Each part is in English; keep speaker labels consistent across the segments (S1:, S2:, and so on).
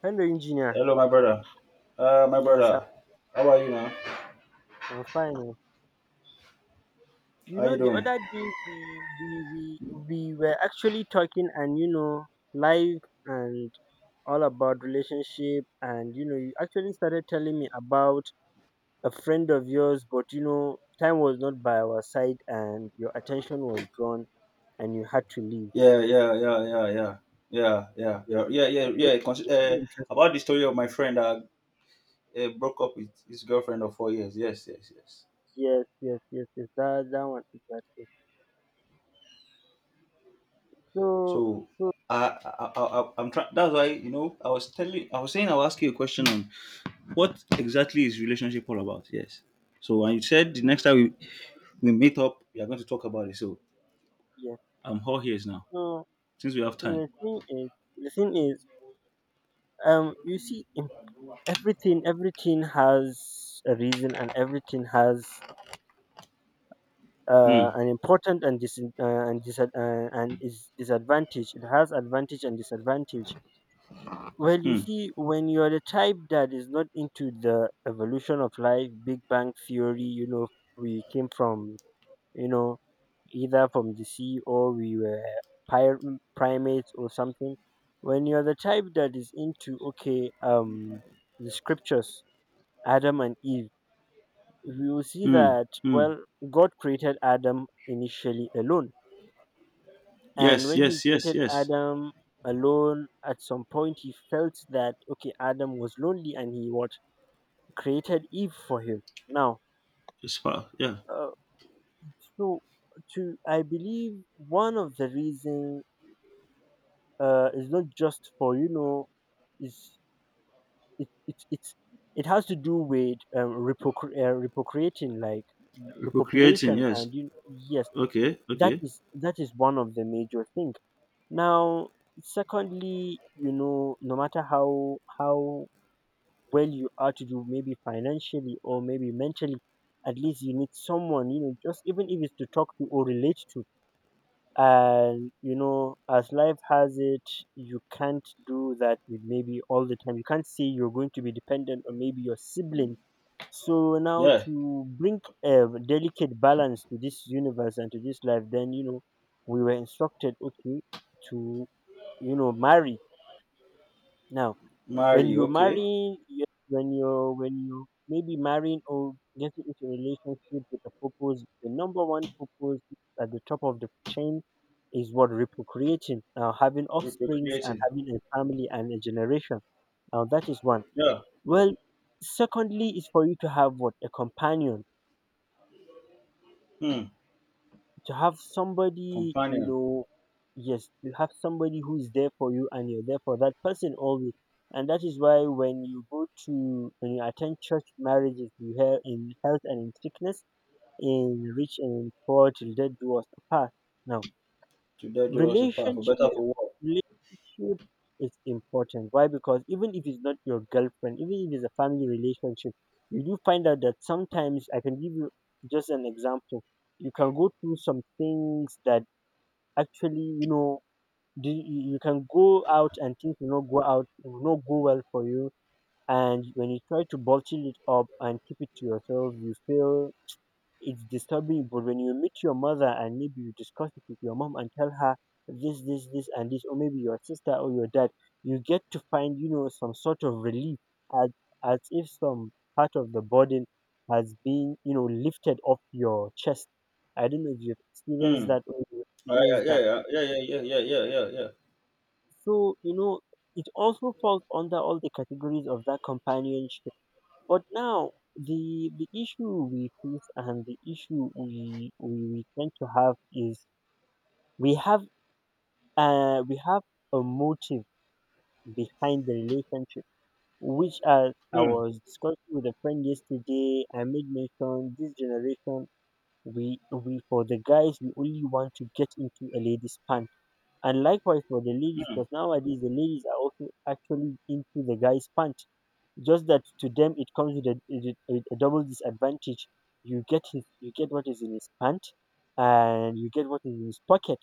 S1: Hello, engineer.
S2: Hello, my brother. My
S1: Yes, how-
S2: brother. How are you now?
S1: I'm fine. Oh.
S2: How you
S1: The
S2: doing?
S1: other day we were actually talking, and life and all about relationship, and you actually started telling me about a friend of yours, but time was not by our side, and your attention was drawn, and you had to leave.
S2: Yeah, yeah, yeah, yeah, yeah, yeah, yeah,
S1: Yes,
S2: yeah, yeah, yeah,
S1: I don't
S2: yeah
S1: think
S2: Cons-
S1: you're
S2: uh,
S1: still interested.
S2: about the story of my friend that broke up with his girlfriend of 4 years. Yes, yes, yes.
S1: Yes, yes, yes, yes. That one exactly. So
S2: So
S1: so
S2: I'm trying. That's why you know I was telling, I was saying I'll ask you a question on what exactly is relationship all about. Yes. So and you said the next time we meet up, we are going to talk about it. So
S1: yes.
S2: I'm all ears now
S1: So
S2: since we have
S1: so
S2: time.
S1: the thing is. The thing is you see in everything has a reason and everything has
S2: Hmm.
S1: an important and dis- and dis- and is disadvantage. It has advantage and disadvantage. Well, you
S2: Hmm.
S1: see, when you're the type that is not into the evolution of life, big bang theory, we came from, you know either from the sea, or we were pir- primates or something. When you're the type that is into, okay, the scriptures, Adam and Eve, you see
S2: Hmm.
S1: that,
S2: Hmm.
S1: well, God created Adam initially alone. And
S2: Yes,
S1: when he
S2: yes, yes,
S1: created
S2: yes.
S1: Adam alone, at some point he felt that, okay, Adam was lonely, and he what, created Eve for him. Now,
S2: It's far. Yeah.
S1: uh, so to, I believe one of the reason is not just for, is, it, it, it's, it has to do with repocreating, like
S2: Procreating.
S1: repopulation,
S2: Yes.
S1: and you, yes,
S2: Okay.
S1: that
S2: Okay.
S1: is that is one of the major thing. Now, secondly, no matter how well you are to do, maybe financially or maybe mentally, at least you need someone, just even if it's to talk to or relate to. And as life has it, you can't do that with maybe all the time. You can't say you're going to be dependent on maybe your sibling. So now,
S2: Yeah.
S1: to bring a delicate balance to this universe and to this life, then we were instructed, okay, to, marry. Now, when
S2: Marry.
S1: you
S2: Okay.
S1: marry, when you're, when you maybe marrying or getting into a relationship with a purpose, the number one purpose at the top of the chain is what, reprocreating. Now, having offsprings and
S2: Reprocreating.
S1: having a family and a generation. Now, that is one.
S2: Yeah.
S1: Well, secondly, is for you to have what, a companion,
S2: Hmm.
S1: to have somebody,
S2: Companion.
S1: yes, you have somebody who is there for you and you're there for that person always. And that is why when you go to, when you attend church marriages, you hear, in health and in sickness, in rich and in poor, till death do us apart. Now,
S2: To that draw us apart, for better,
S1: Relationship
S2: for worse.
S1: relationship is important. Why? Because even if it's not your girlfriend, even if it's a family relationship, you do find out that sometimes I can give you just an example. You can go through some things that actually, you can go out and things will not go out, will not go well for you. And when you try to bottle it up and keep it to yourself, you feel it's disturbing you. But when you meet your mother and maybe you discuss it with your mom and tell her this, this, this, and this, or maybe your sister or your dad, you get to find, some sort of relief, as, as if some part of the burden has been, lifted off your chest. I don't know if you've experienced
S2: Hmm.
S1: that or you
S2: I, I,
S1: experienced
S2: yeah.
S1: that.
S2: Yeah. Yeah. Yeah. Yeah. Yeah. Yeah. Yeah. Yeah.
S1: So, it also falls under all the categories of that companionship. But now, the issue we face, and the issue we tend to have is we have, we have a motive behind the relationship, which, as I was discussing with a friend yesterday, I made mention, this generation, we for the guys, we only want to get into a lady's pant. And likewise for the ladies, because nowadays the ladies are also actually into the guy's pant. Just that to them it comes with a, with a double disadvantage. You get his, you get what is in his pant, and you get what is in his pocket.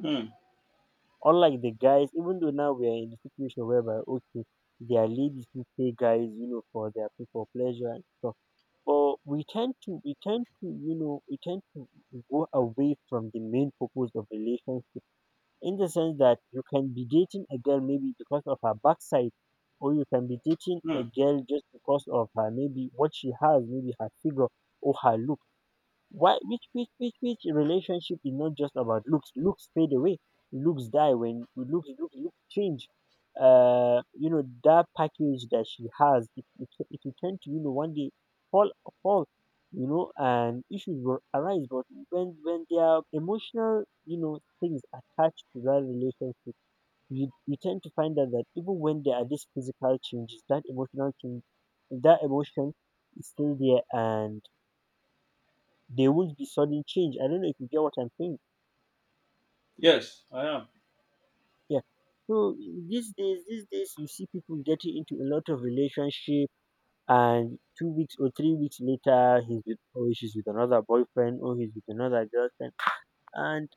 S2: Hmm. Hmm.
S1: Unlike the guys, even though now we are in a situation whereby, okay, there are ladies who pay guys, for their, for pleasure and stuff. But we tend to you know we tend to go away from the main purpose of relationship, in the sense that you can be dating a girl maybe because of her backside, or you can be dating a
S2: Hmm.
S1: girl just because of her, maybe what she has, maybe her figure or her look. Why, which relationship is not just about looks? Looks fade away. Looks die. When looks change, that package that she has, it will tend to, one day fall, fall, and issues will arise. But when there are emotional, things attached to that relationship, you tend to find out that even when there are these physical changes, that emotional change, that emotion is still there, and there won't be sudden change. I don't know if you get what I'm saying.
S2: Yes, I am.
S1: Yeah. So, these days you see people getting into a lot of relationship, and 2 weeks or 3 weeks later, he's with, or she's with another boyfriend, or he's with another girlfriend. And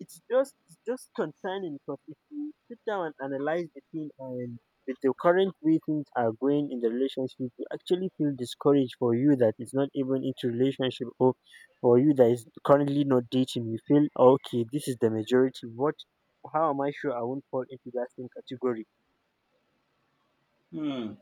S1: it's just concerning, because if you sit down and analyze the thing, and with the current way things are going in the relationship, you actually feel discouraged for you that is not even into relationship, or for you that is currently not dating. You feel, "Oh, okay, this is the majority. What? How am I sure I won't fall into that same category?"
S2: Hmm.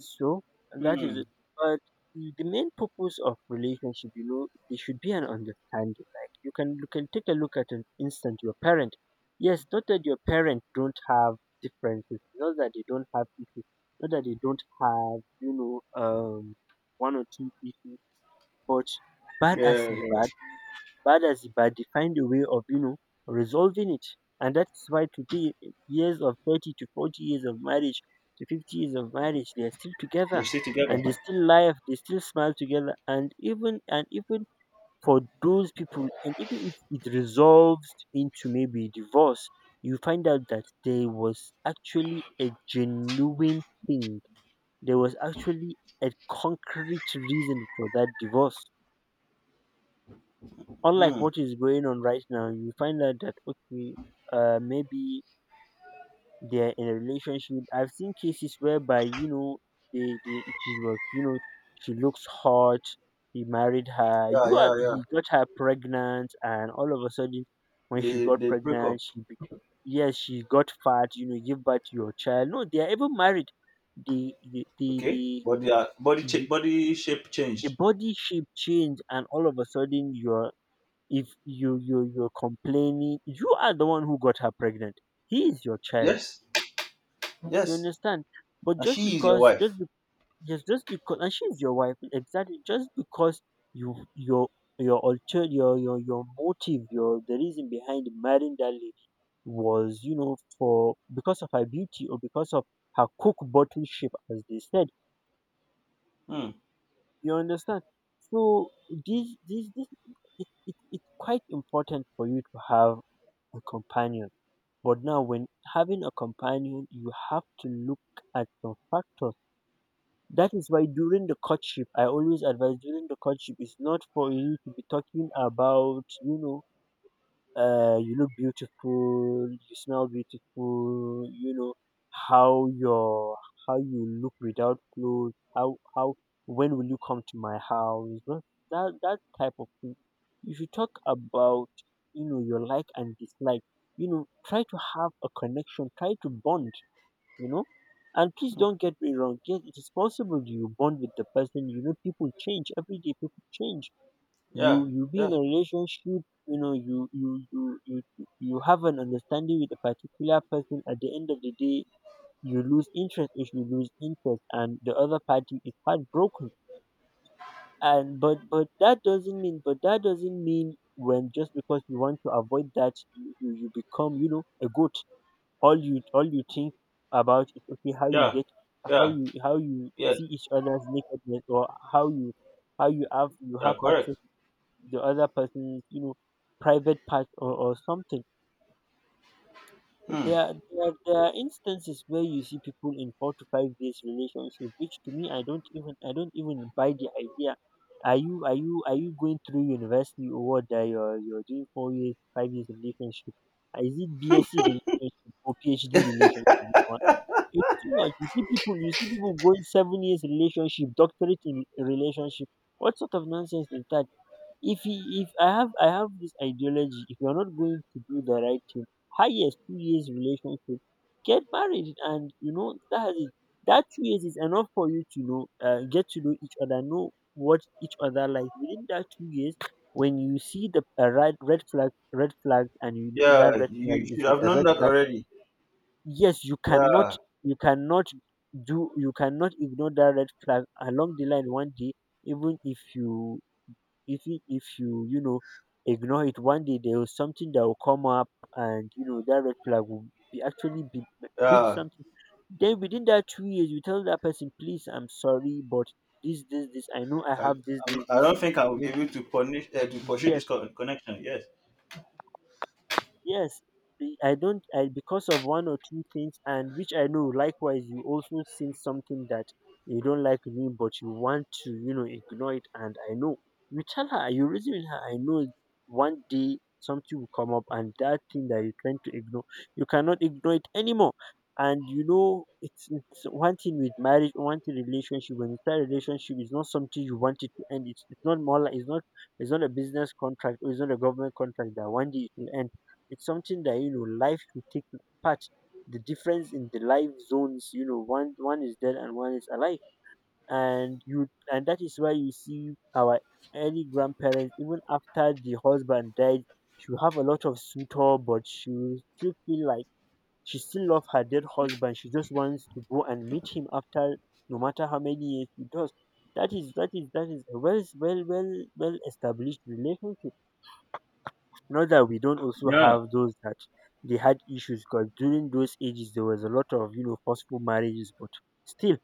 S1: So that
S2: Hmm.
S1: is it. But the main purpose of relationship, there should be an understanding. Like, you can take a look at an instant your parent. Yes, not that your parent don't have differences, not that they don't have issues, not that they don't have, know, um one or two issues, but bad as
S2: Yeah.
S1: in
S2: Yeah.
S1: bad, they find a way of, resolving it. And that's why today, years of 30 to 40 years of marriage to 50 years of marriage, they are still
S2: They
S1: together
S2: stay together.
S1: and they still laugh, they still smile together. And even for those people, and even if it resolves into maybe divorce, you find out that there was actually a genuine thing. There was actually a concrete reason for that divorce. Unlike
S2: Hmm.
S1: what is going on right now, you find out that, okay, maybe they're in a relationship. I've seen cases whereby, they she was, she looks hot, he married her.
S2: Yeah.
S1: You are,
S2: Yeah. Yeah.
S1: he got her pregnant, and all of a sudden when she
S2: They
S1: got
S2: they break up.
S1: pregnant, yes, she got fat, give birth to your child. No, they are even married.
S2: Okay.
S1: The
S2: But their
S1: you-
S2: body shape
S1: the
S2: changed.
S1: body shape change, and all of a sudden you're, if you're complaining, you are the one who got her pregnant. He is your child.
S2: Yes.
S1: You
S2: Yes.
S1: understand? But
S2: And
S1: just
S2: she is your
S1: because just
S2: wife.
S1: be, just because and she's your wife, exactly. Just because you your your motive, your the reason behind marrying that lady was, you know for because of her beauty, or because of her cook bottle shape, as they said.
S2: Hmm.
S1: You understand? So this it's quite important for you to have a companion. But now, when having a companion, you have to look at some factors. That is why during the courtship, I always advise, during the courtship, it's not for you to be talking about, you look beautiful, you smell beautiful, how your, how you look without clothes, how when will you come to my house? Not that, that type of thing. You should talk about, your like and dislike. Try to have a connection, try to bond. You know, and please don't get me wrong. Yes, it is possible you bond with the person. People change every day. People change.
S2: Yeah.
S1: You be
S2: Yeah.
S1: in a relationship, you you have an understanding with a particular person. At the end of the day, you lose interest. If you lose interest and the other party is heartbroken, and but that doesn't mean, but that doesn't mean when just because you want to avoid that, you become, a goat. All you think about is, okay, how you
S2: Yeah.
S1: get,
S2: Yeah.
S1: how you
S2: Yeah.
S1: see each other's nakedness, or how you have, you
S2: Yeah.
S1: have
S2: Correct.
S1: access the other person's, private part, or something.
S2: Hmm.
S1: There are instances where you see people in 4 to 5 days relationship, which to me I don't even buy the idea. Are you going through university or what? That you're doing 4 years 5 years relationship? Is it BSc relationship or PhD relationship, you know? It's too much. You see people going 7 years relationship, doctorate in relationship. What sort of nonsense is that? If I have this ideology, if you're not going to do the right thing, highest 2 years relationship, get married, and you know that is, that 2 years is enough for you to know, get to know each other, know what each other like within that 2 years. When you see the a red red flag and you know
S2: Yeah.
S1: that red
S2: You
S1: flag
S2: you
S1: is
S2: should have
S1: a
S2: known
S1: red
S2: that
S1: flag,
S2: already.
S1: yes,
S2: Yeah.
S1: you cannot you cannot ignore that red flag along the line one day. Even if you even if you you know ignore it, one day there was something that will come up, and you know that red flag will be actually be big
S2: Yeah.
S1: something. Then within that 2 years, you tell that person, please, I'm sorry, but this, I know, I
S2: I,
S1: have this this
S2: I
S1: this
S2: don't think I will be able
S1: maybe.
S2: to punish to pursue this
S1: Yes.
S2: connection. Yes.
S1: Yes, I don't. I, because of one or two things, and which I know. Likewise, you also seen something that you don't like in me, but you want to, ignore it. And I know you tell her, you reason with her. I know one day something will come up, and that thing that you're trying to ignore, you cannot ignore it anymore. And it's one thing with marriage, one thing relationship. When you start a relationship, it's not something you want it to end. It's not more like it's not a business contract or it's not a government contract that one day it will end. It's something that life should take part. The difference in the life zones, one is dead and one is alive, and that is why you see our early grandparents. Even after the husband died, she will have a lot of suitor, but she will still feel like she still love her dead husband. She just wants to go and meet him after, no matter how many years he does. That is a well established relationship. Not that we don't also
S2: Yeah.
S1: have those that they had issues, because during those ages there was a lot of forceful marriages, but still.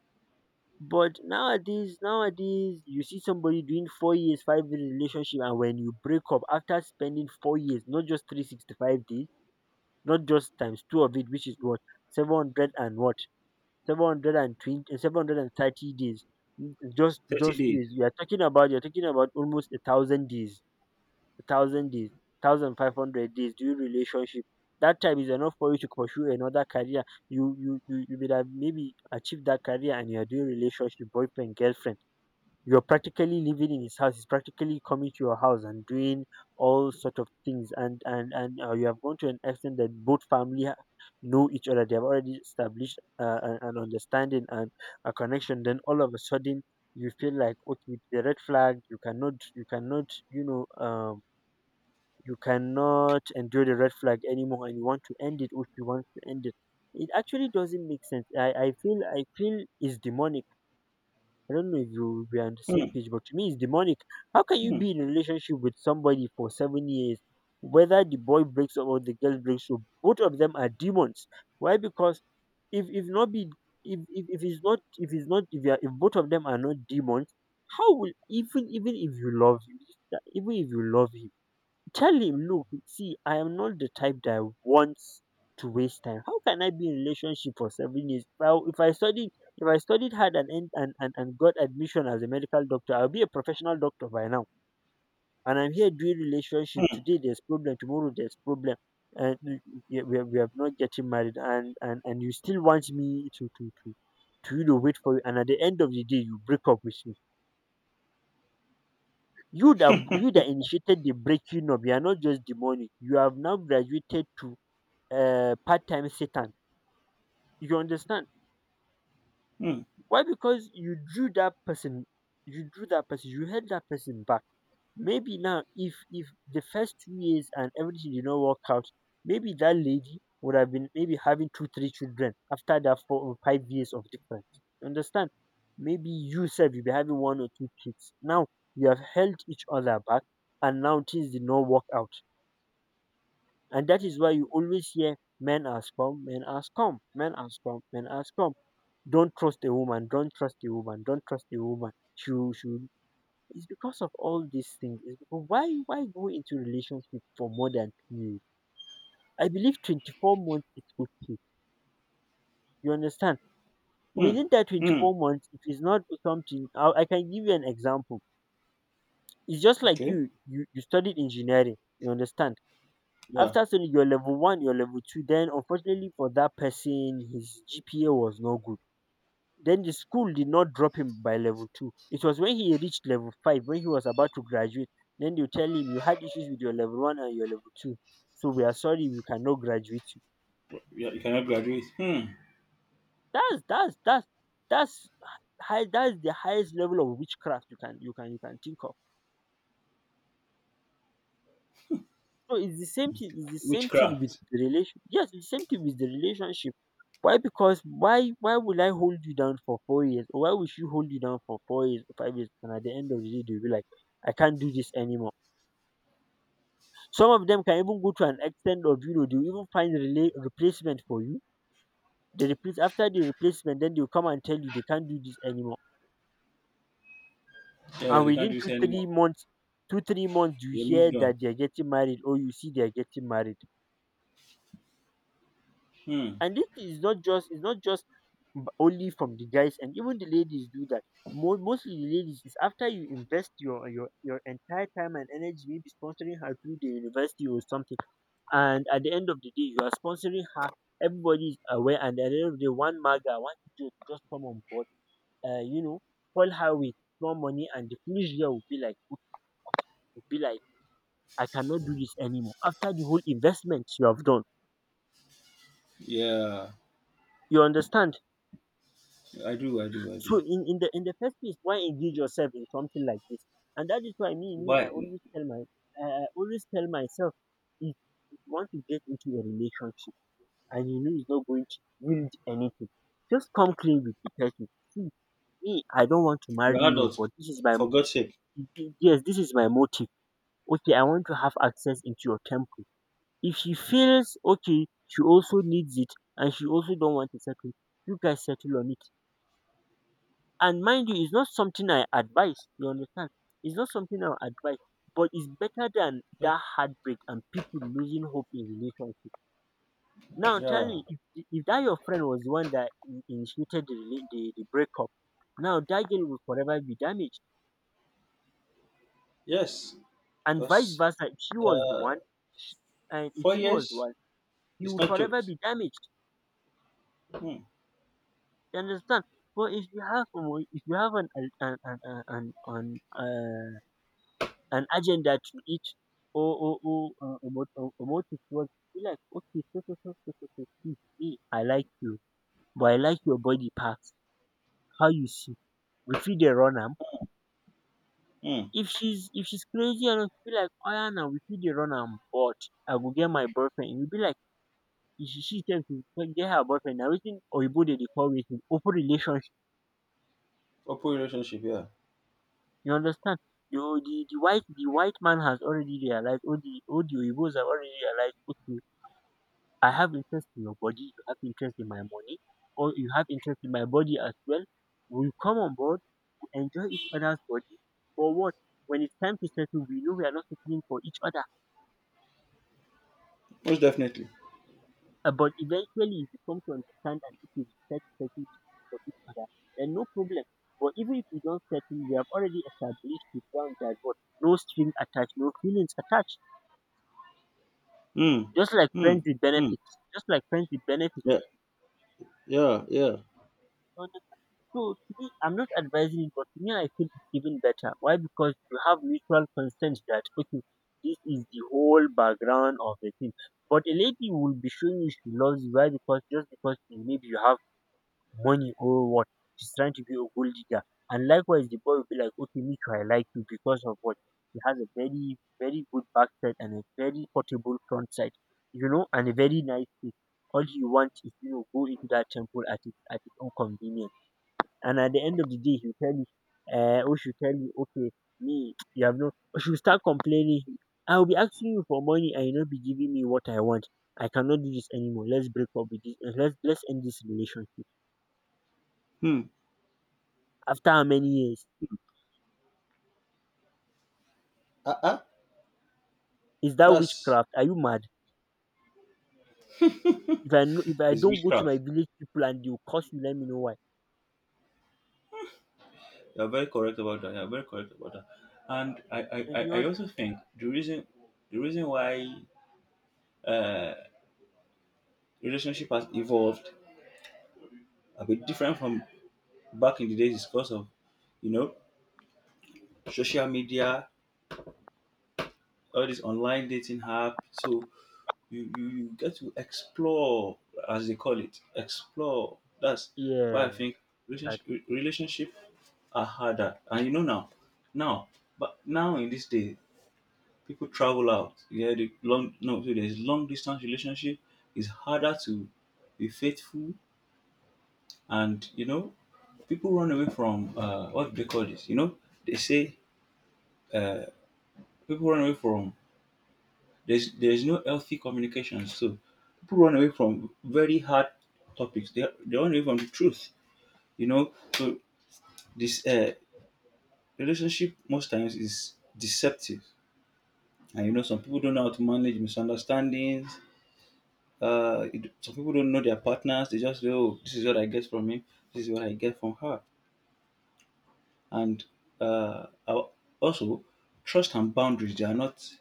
S1: But nowadays, you see somebody doing 4 years, 5 years relationship, and when you break up after spending 4 years, not just 365 days, not just times two of it, which is what 700 and what 720, 730 days. Just,
S2: Thirty
S1: just
S2: days.
S1: days. You are talking about almost a thousand days, thousand days 1,500 days during relationship. That time is enough for you to pursue another career. You would have maybe achieved that career, and you're doing relationship, boyfriend, girlfriend. You're practically living in his house, he's practically coming to your house and doing all sort of things, and you have gone to an extent that both family know each other. They have already established an understanding and a connection. Then all of a sudden, you feel like, okay, the red flag, you cannot endure the red flag anymore, and you want to end it. If you want to end it, it actually doesn't make sense. I feel it's demonic. I don't know if you we are on the
S2: Hmm.
S1: same page, but to me it's demonic. How can you
S2: Hmm.
S1: be in a relationship with somebody for 7 years, whether the boy breaks up or the girl breaks up? Both of them are demons. Why? Because if if not be if it's not, if both of them are not demons, how will, even if you love him, even if you love him, tell him, look, see, I am not the type that wants to waste time. How can I be in relationship for 7 years? If I studied hard and, en- and and got admission as a medical doctor, I'll be a professional doctor by now. And I'm here doing relationship
S2: Hmm.
S1: today. There's problem tomorrow. There's problem, and we are not getting married. And you still want me to wait for you. And at the end of the day, you break up with me. You that initiated the breaking up, you are not just the money, you have now graduated to part-time Satan. You understand?
S2: Hmm.
S1: Why? Because you drew that person, you held that person back. Maybe now, if the first 2 years and everything did not work out, maybe that lady would have been maybe having two three children after that 4 or 5 years of difference. You understand? Maybe you said you'll be having one or two kids now. You have held each other back, and now things did not work out. And that is why you always hear, men are scum, men are scum, men are scum, men are scum, don't trust a woman, don't trust a woman, don't trust a woman. She will, she it's because of all these things. It's because why go into relationship for more than 2 years? I believe 24 months is okay. You understand?
S2: Hmm.
S1: Within that
S2: Hmm.
S1: 24 months, if it's not something, I can give you an example. It's just like
S2: Okay.
S1: you studied engineering. You understand?
S2: Yeah.
S1: After studying your level one, your level two, then unfortunately for that person, his GPA was not good. Then the school did not drop him by level two. It was when he reached level five, when he was about to graduate, then they tell him you had issues with your level one and your level two. So we are sorry, we cannot graduate you.
S2: Yeah. You cannot graduate. Hmm.
S1: That's that's that's that's that's the highest level of witchcraft you can think of. So it's the same thing, it's the same thing with
S2: Witchcraft.
S1: the relation yes, it's the same thing with the relationship. Why? Because why will I hold you down for 4 years? Or why will she hold you down for 4 years or 5 years, and at the end of the day they'll be like, I can't do this anymore. Some of them can even go to an extent of, they will even find relay replacement for you. They replace after the replacement, then they'll come and tell you they can't do this anymore.
S2: Yeah.
S1: And
S2: They can't do
S1: within
S2: this
S1: two
S2: anymore.
S1: three months, you
S2: They
S1: hear
S2: moved on.
S1: that they are getting married, or you see they are getting married.
S2: Hmm.
S1: And this is not just it's not just b- only from the guys, and even the ladies do that. Mostly the ladies, is after you invest your entire time and energy, maybe sponsoring her through the university or something, and at the end of the day you are sponsoring her. Everybody is aware, and at the end of the day, one maga, one idiot just come on board. Uh, you know, Call her with more money, and the foolish girl will be like, will be like, I cannot do this anymore. After the whole investment you have done,
S2: Yeah.
S1: you understand.
S2: I do. I do. I do.
S1: So in the first place, why engage yourself in something like this? And that is why me, I
S2: Why?
S1: always tell myself, if you want to get into a relationship, and you know it's not going to yield anything, just come clean with the person. See, me, I don't want to marry
S2: You're
S1: you,
S2: adult.
S1: but this is my,
S2: For God's sake.
S1: yes, this is my motive. Okay, I want to have access into your temple. If she feels okay, she also needs it, and she also don't want to settle. You guys settle on it. And mind you, it's not something I advise. You understand? It's not something I advise, but it's better than that heartbreak and people losing hope in relationship. Now, tell
S2: Yeah.
S1: me, if, that your friend was the one that initiated the breakup, now that girl will forever be damaged,
S2: Yes.
S1: and vice
S2: Because
S1: versa. If she was the
S2: uh,
S1: one, sh and if
S2: four
S1: she was the
S2: years
S1: one, he
S2: is
S1: will
S2: not
S1: forever
S2: jokes.
S1: be damaged.
S2: Hmm.
S1: You understand? But if you have, an, an, an uh, an agenda to it, or a a motive towards it. Be like, okay, see, me, I like you, but I like your body parts. How you see? We feed the run am.
S2: Hmm.
S1: If she's crazy enough, be like, oh yeah, now we feed the run am, but I go get my boyfriend. You be like, if she tells you go get her boyfriend. Now waiting or you they call with open relationship.
S2: Open relationship. Yeah.
S1: You understand? The white man has already realized, or the Oibos have already realized. Okay, I have interest in your body, you have interest in my money, or you have interest in my body as well. We come on board, we enjoy each other's body. For what? When it's time to settle, we know we are not settling for each other.
S2: Most definitely.
S1: But eventually, if you come to understand that if we decide to settle for each other, then no problem. But even if we don't settle, we have already established the ground that what? No string attached, no feelings attached.
S2: Hmm.
S1: Just like
S2: Hmm.
S1: friends with
S2: Hmm.
S1: benefits. Just like friends with benefits.
S2: Yeah. Yeah. Yeah.
S1: You understand? So to me, I'm not advising it, but to me, I feel it's even better. Why? Because you have mutual consent that okay, this is the whole background of the thing. But a lady will be showing you she loves you. Why? Because just because you, maybe you have money or what, she's trying to be a gold digger. And likewise, the boy will be like, okay, me too, I like you because of what? She has a very, very good backside and a very portable front side, and a very nice face. All you want is, go into that temple at its own convenience. And at the end of the day, he'll tell you, or she'll tell you, okay, me, you have no, or she'll start complaining. I'll be asking you for money and you'll not be giving me what I want. I cannot do this anymore. Let's break up with this. Let's end this relationship.
S2: Hmm.
S1: After how many years?
S2: Uh uh.
S1: Is that
S2: That's
S1: witchcraft? Are you mad? If I know, if I
S2: is
S1: don't go to my
S2: witchcraft.
S1: village people and they'll curse you, let me know why.
S2: You're very correct about that. You're very correct about that. And I, I,
S1: And
S2: I
S1: you
S2: I
S1: know.
S2: also think the reason why uh, relationship has evolved a bit different from back in the days is because of you know social media, all this online dating app. So you get to explore, as they call it, explore. That's why I
S1: Yeah.
S2: think
S1: That.
S2: relationship relationship are harder. And now, now in this day, people travel out. Yeah, the long no, so there's long distance relationship. It's harder to be faithful, and you know, people run away from what do they call this? You know, they say uh, people run away from there's no healthy communication. So people run away from very hard topics. They run away from the truth. You know, so this relationship most times is deceptive, and you know some people don't know how to manage misunderstandings. Some people don't know their partners. They just say, "Oh, this is what I get from him. This is what I get from her." And uh, al- also, trust and boundaries they are not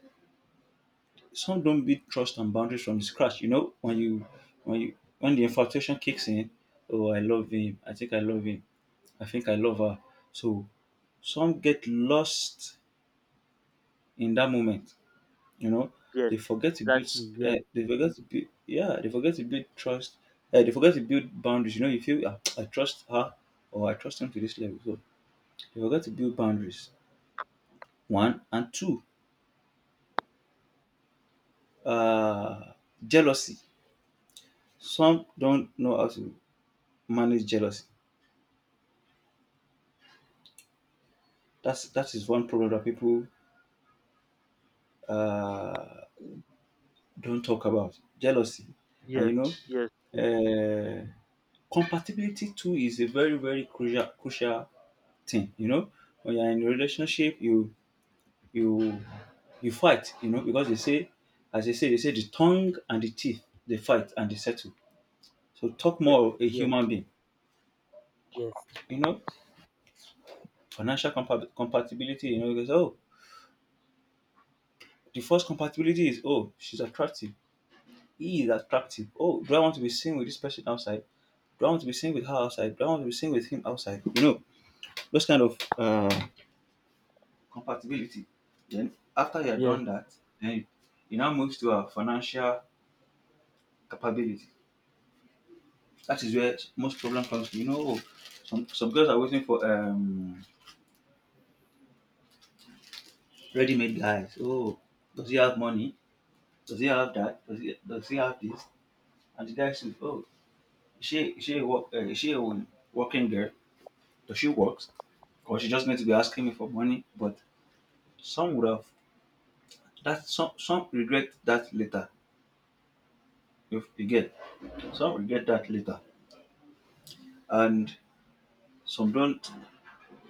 S2: some don't build trust and boundaries from scratch. You know, when the infatuation kicks in, oh, I love him. I think I love him. I think I love her. So some get lost in that moment. You know,
S1: Yes.
S2: they forget to build. S-
S1: Exactly. Yes.
S2: They forget to build. Yeah, they forget to build trust. They forget to build boundaries. You know, you feel "Ah, I trust her or I trust him to this level. So they forget to build boundaries. One and two, uh, jealousy. Some don't know how to manage jealousy. That's that is one problem that people uh, don't talk about. Jealousy, and
S1: Yes.
S2: you know,
S1: Yes. Yes.
S2: uh, compatibility too is a very very crucial crucial thing. You know, when you're in a relationship, you you fight. You know, because they say the tongue and the teeth they fight and they settle. So talk
S1: Yes.
S2: more of a
S1: Yes.
S2: human being.
S1: Yes.
S2: You know, financial compatibility. You know, because oh, the first compatibility is oh, she's attractive. He is attractive. Oh, do I want to be seen with this person outside? Do I want to be seen with her outside? Do I want to be seen with him outside? You know, those kind of compatibility. Then after you are
S1: Yes.
S2: done that, then you now moves to our financial capability. That is where most problem comes from. You know, oh, some girls are waiting for ready-made guys. Oh, does he have money? Does he have that? Does he have this? And the guy says, oh, is she a working girl? Does she work? Or she just need to be asking me for money? But some would have some regret that later. If you get some regret that later. And some don't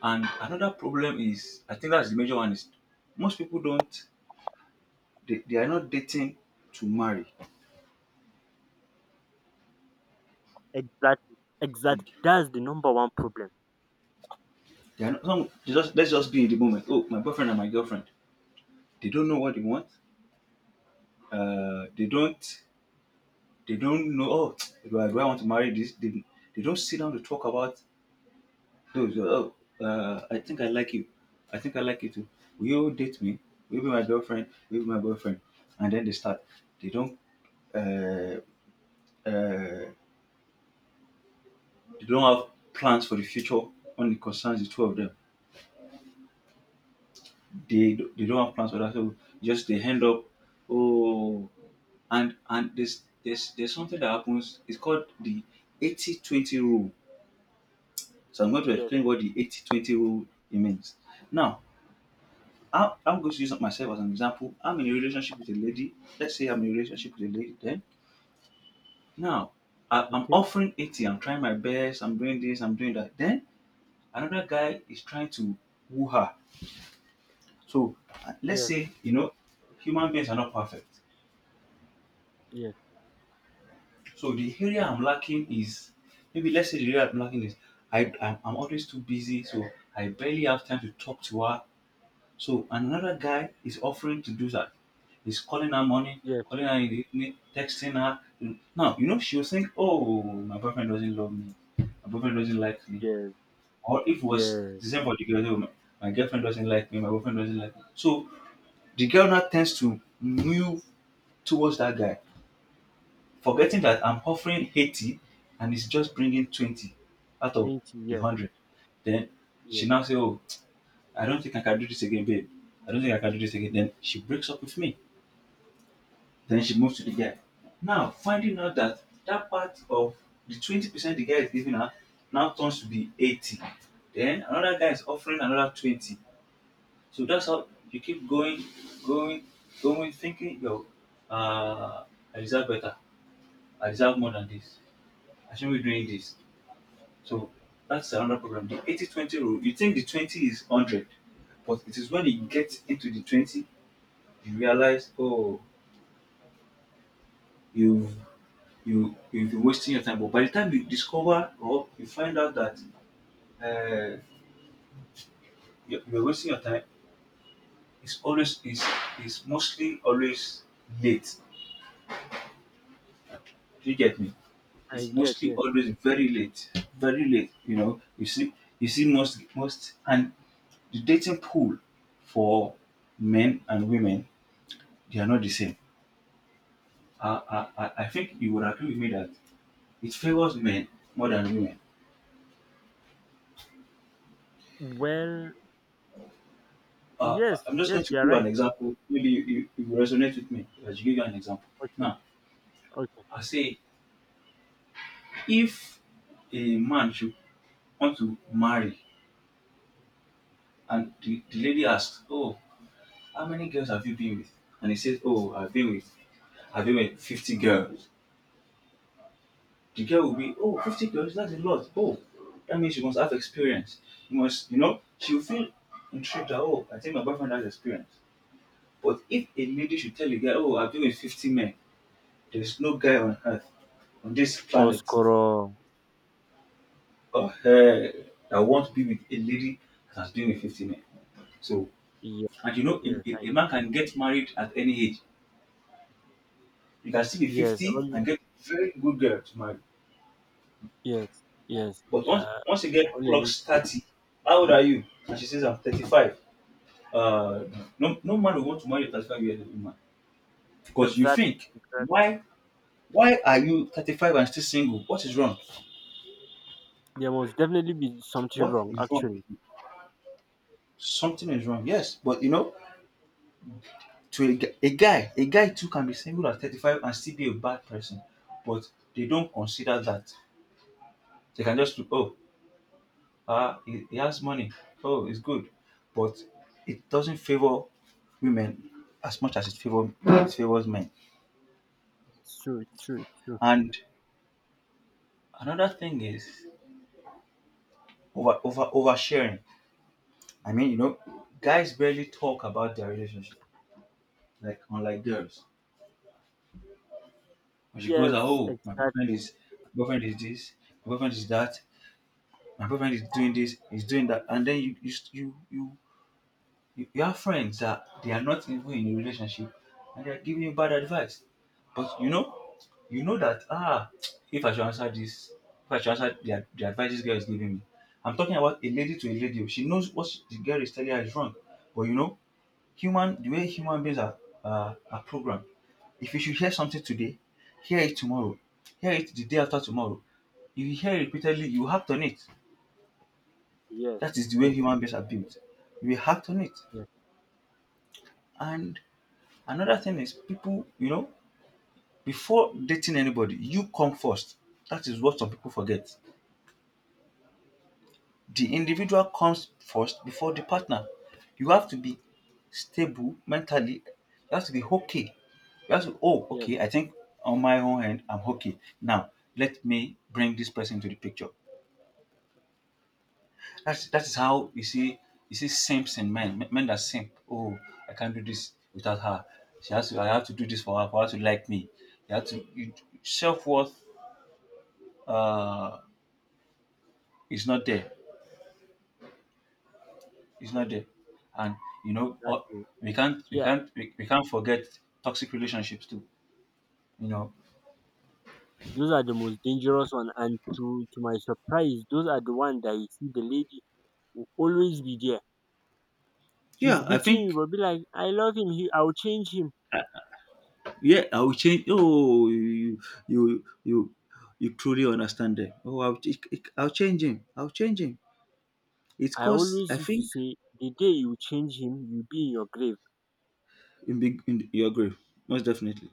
S2: and another problem is I think that's the major one is most people don't they are not dating to marry.
S1: Exactly,
S2: They
S1: exactly. That's the number one problem.
S2: are not. Some, they just let's just be in the moment. Oh, my boyfriend and my girlfriend. They don't know what they want. Uh they don't they don't know. Oh, do I want to marry they don't sit down to talk about. No, so, oh, I think I like you. I think I like you too. Will you date me? Will you be my girlfriend? Will you be my boyfriend? And then they start. They don't. Uh, uh, they don't have plans for the future when it concerns the two of them. They don't have plans for that. So just they end up. Oh, and there's something that happens. It's called the 80-20 rule. So I'm going to
S1: Yes.
S2: explain what the 80-20 rule it means. Now, how I'm going to use myself as an example. I'm in a relationship with a lady. Let's say I'm in a relationship with a lady. Then now I'm
S1: Okay.
S2: offering 80. I'm trying my best. I'm doing this. I'm doing that. Then another guy is trying to woo her. So let's
S1: Yes,
S2: say you know human beings are not perfect.
S1: yes,
S2: So the area I'm lacking is I'm always too busy. So I barely have time to talk to her. So another guy is offering to do that. He's calling her morning,
S1: yes,
S2: calling her in the evening, texting her. Now, you know, she'll think, oh, my boyfriend doesn't love me. My boyfriend doesn't like me.
S1: yes,
S2: Or if it was
S1: yes,
S2: the same for the girl, "Oh, my girlfriend doesn't like me, my boyfriend doesn't like me. So the girl now tends to move towards that guy, forgetting that I'm offering 80 and he's just bringing 20 out of
S1: 20,
S2: the
S1: yes,
S2: 100. Then she
S1: yes,
S2: now say, oh, I don't think I can do this again, babe. I don't think I can do this again. Then she breaks up with me. Then she moves to the guy. Now, finding out that that part of the 20% the guy is giving her now turns to be 80. Then another guy is offering another 20. So that's how you keep going, going, going, thinking, yo, uh, I deserve better. I deserve more than this. I shouldn't be doing this. So that's another problem. The 80-20 rule, you think the 20 is 100, but it is when you get into the 20 you realize oh you've you've been wasting your time but by the time you discover or you find out that uh, you're wasting your time it's always is mostly always late. Do you get me? It's
S1: I get,
S2: mostly
S1: yes.
S2: always very late very late. You know you see most and the dating pool for men and women they are not the same. I think you would agree with me that it favors men more than women.
S1: Well,
S2: uh,
S1: yes,
S2: I'm just
S1: yes,
S2: going to
S1: you're
S2: give an
S1: right.
S2: example. Maybe you will resonate with me as you give you an example.
S1: Okay,
S2: Now,
S1: okay.
S2: I say if a man should want to marry and the lady asks, oh, how many girls have you been with? And he says, oh, I've been with 50 girls. The girl will be, oh, 50 girls, that's a lot. Oh, that means she must have experience. You must, you know, she'll feel intrigued that, oh, I think my boyfriend has experience. But if a lady should tell a guy, oh, I've been with 50 men, there's no guy on earth, on this planet,
S1: Oskoro,
S2: or hell, that won't be with a lady that has been with 50 men. So,
S1: yes,
S2: and you know,
S1: yes, I,
S2: a man can get married at any age. You can still be
S1: yes,
S2: 50
S1: only,
S2: and get very good girl to marry.
S1: yes, yes,
S2: But
S1: yeah,
S2: once you get
S1: only need,
S2: clocks 30, how old are you? And she says, I'm 35. Uh, no, no man will want to marry a 35-year-old woman because you
S1: exactly,
S2: think,
S1: exactly.
S2: why why are you 35 and still single? What is wrong?
S1: There must definitely be something
S2: What
S1: wrong,
S2: is wrong with
S1: actually.
S2: you? Something is wrong. Yes, but you know, a guy too can be single at 35 and still be a bad person, but they don't consider that. They can just look, oh, ah, he has money, oh it's good. But it doesn't favor women as much as it favors men.
S1: It's true, it's true, it's true.
S2: And another thing is oversharing. I mean, you know,
S1: Yes,
S2: guys barely talk about their relationship, like unlike girls. When she goes out,
S1: yes,
S2: oh my boyfriend
S1: exactly,
S2: is, my girlfriend is this, my girlfriend is that, my boyfriend is doing this, he's doing that, and then you have friends that they are not even in a relationship and they're giving you bad advice. But you know that, ah, if I should answer this, if I should answer the advice this girl is giving me, I'm talking about a lady to a lady. Oh, she knows what the girl is telling her is wrong, but you know, human the way human beings are programmed. If you should hear something today, hear it tomorrow, hear it the day after tomorrow. If you hear it repeatedly, you act on it.
S1: yes,
S2: That is the way
S1: true,
S2: human beings are built. We act on it.
S1: yes,
S2: And another thing is people, you know, before dating anybody, you come first. That is what some people forget. The individual comes first before the partner. You have to be stable mentally. You have to be okay. You have to, oh,
S1: yes,
S2: okay, I think on my own hand, I'm okay. Now, let me bring this person into the picture. That is how you see, you see simps in men. Men that simp. Oh, I can't do this without her. She has to, I have to do this for her, for her to like me. You have to. You, self worth, uh, is not there. It's not there. And you know,
S1: exactly.
S2: we can't we
S1: Yeah.
S2: can't we, we can't forget toxic relationships too. You know.
S1: Those are the most dangerous one, and to my surprise those are the one that you see the lady will always be there. He's
S2: Yeah, I
S1: beating you,
S2: think,
S1: but be like, I love him, he I'll change him.
S2: yeah, I will change. Oh, you you you you truly understand them. Oh, I'll change him. I'll change him. It's,
S1: I
S2: cause
S1: always
S2: I
S1: used to
S2: think,
S1: say the day you change him you'll be in your grave.
S2: in big, in your grave, most definitely.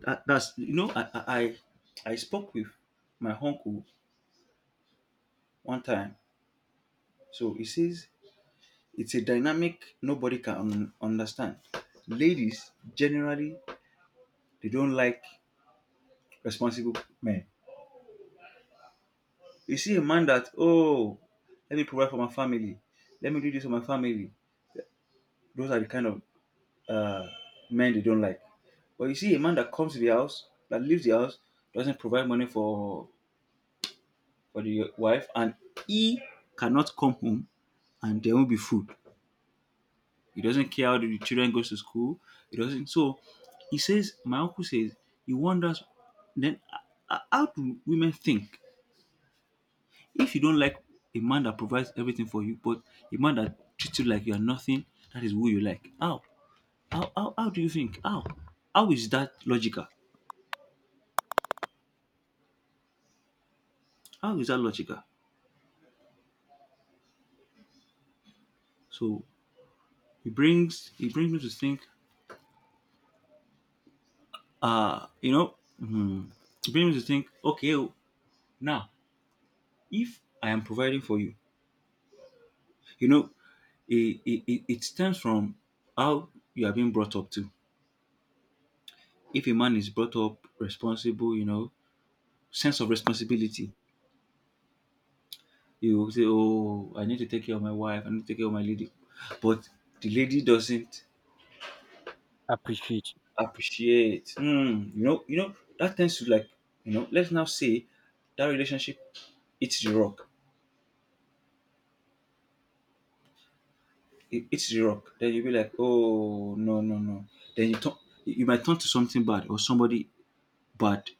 S2: That's you know, I spoke with my uncle one time. So he says it's a dynamic nobody can understand. Ladies generally, they don't like responsible men. You see a man that, oh, let me provide for my family, let me do this for my family. Those are the kind of, uh, men they don't like. But you see a man that comes to the house, that leaves the house, doesn't provide money for the wife, and he cannot come home and there won't be food. He doesn't care how the children goes to school. He doesn't. So he says, my uncle says, he wonders, then, how do women think? If you don't like a man that provides everything for you, but a man that treats you like you are nothing, that is who you like. How? How do you think? How? How is that logical? How is that logical? So he brings me to think, uh, you know, hmm, it brings me to think, okay, oh, now if I am providing for you, you know, it stems from how you are being brought up to. If a man is brought up responsible, you know, sense of responsibility, you will say, oh, I need to take care of my wife, I need to take care of my lady. But the lady doesn't
S1: Appreciate him.
S2: appreciate. Hmm, you know, that tends to like, you know, let's now say that relationship, it's the rock it hits the rock. Then you'll be like, oh no, no, no. Then you turn, you might turn to something bad, or somebody bad.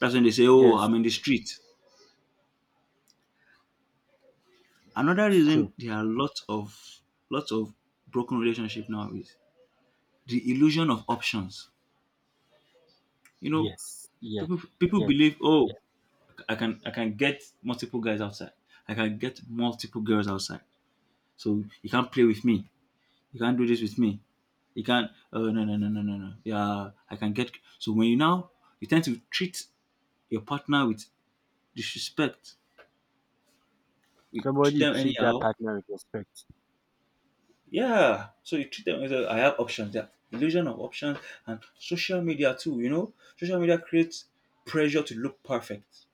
S2: That's when they say, oh,
S1: Yes,
S2: I'm in the street. Another
S1: it's true.
S2: reason there are lots of, lots of broken relationship now is the illusion of options. You know,
S1: Yes. Yes.
S2: people
S1: Yes.
S2: believe, oh,
S1: Yes.
S2: I can get multiple guys outside. I can get multiple girls outside. So you can't play with me. You can't do this with me. You can't. Oh no, no, no, no, no, no. Yeah, I can get. So when you now, you tend to treat your partner with disrespect. We treat
S1: Somebody
S2: them
S1: treat that
S2: anyhow.
S1: partner with respect.
S2: Yeah. So you treat them as a- I have options. Yeah. Illusion of options and social media too, you know? Social media creates pressure to look perfect.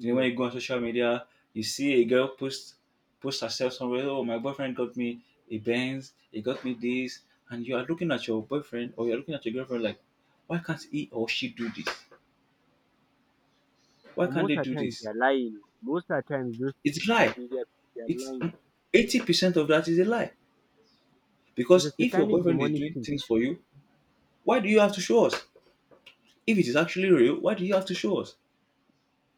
S2: You know, when you go on social media, you see a girl post, herself somewhere, oh my boyfriend got me a Benz, he got me this, and you are looking at your boyfriend or you're looking at your girlfriend like, why can't he or she do this? Why
S1: And
S2: can't
S1: most
S2: they
S1: of
S2: do
S1: the times
S2: this?
S1: they're lying. Most of the times those
S2: It's a lie.
S1: media they're
S2: It's
S1: lying.
S2: 80% of that is a lie.
S1: It's
S2: Because
S1: a
S2: if your
S1: satanic
S2: boyfriend is
S1: demonic
S2: doing
S1: thing.
S2: things for you, why do you have to show us? If it is actually real, why do you have to show us?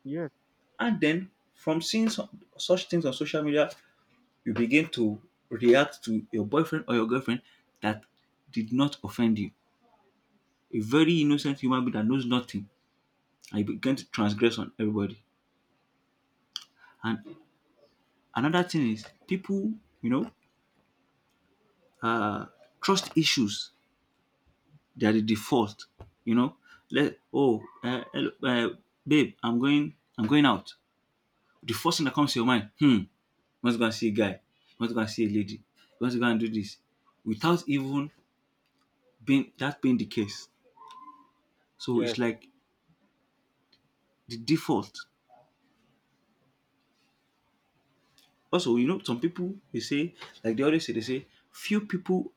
S1: Yes.
S2: And then from seeing some, such things on social media, you begin to react to your boyfriend or your girlfriend that did not offend you. A very innocent human being that knows nothing, and you begin to transgress on everybody. And another thing is people, you know, uh, trust issues. They are the default. You know, let, oh, hello, babe, I'm going out, the first thing that comes to your mind, hmm, you want to go and see a guy, you want to go and see a lady, you want to go and do this, without even being the case. So it's
S1: Yes.
S2: like the default. Also, you know, some people they say, like they always say, they say, few people,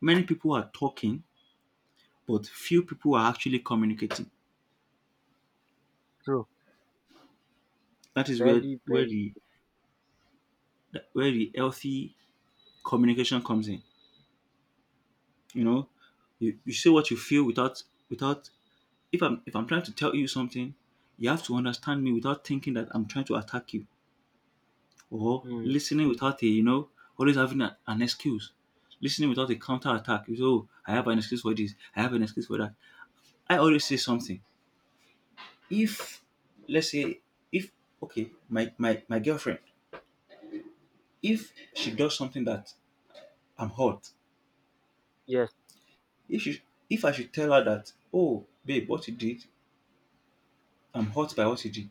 S2: many people are talking, but few people are actually communicating.
S1: True.
S2: That is where
S1: Very,
S2: where
S1: very
S2: the where the healthy communication comes in. You know, you say what you feel without, without, if I'm trying to tell you something, you have to understand me without thinking that I'm trying to attack you, or
S1: mm.
S2: listening without a, you know, always having an excuse. Listening without a counter attack. You say, oh, I have an excuse for this, I have an excuse for that. I always say something. If, let's say, if, okay, my girlfriend, if she does something that I'm hurt.
S1: Yes.
S2: If she, if I should tell her that, oh babe, what you did, I'm hurt by what you did,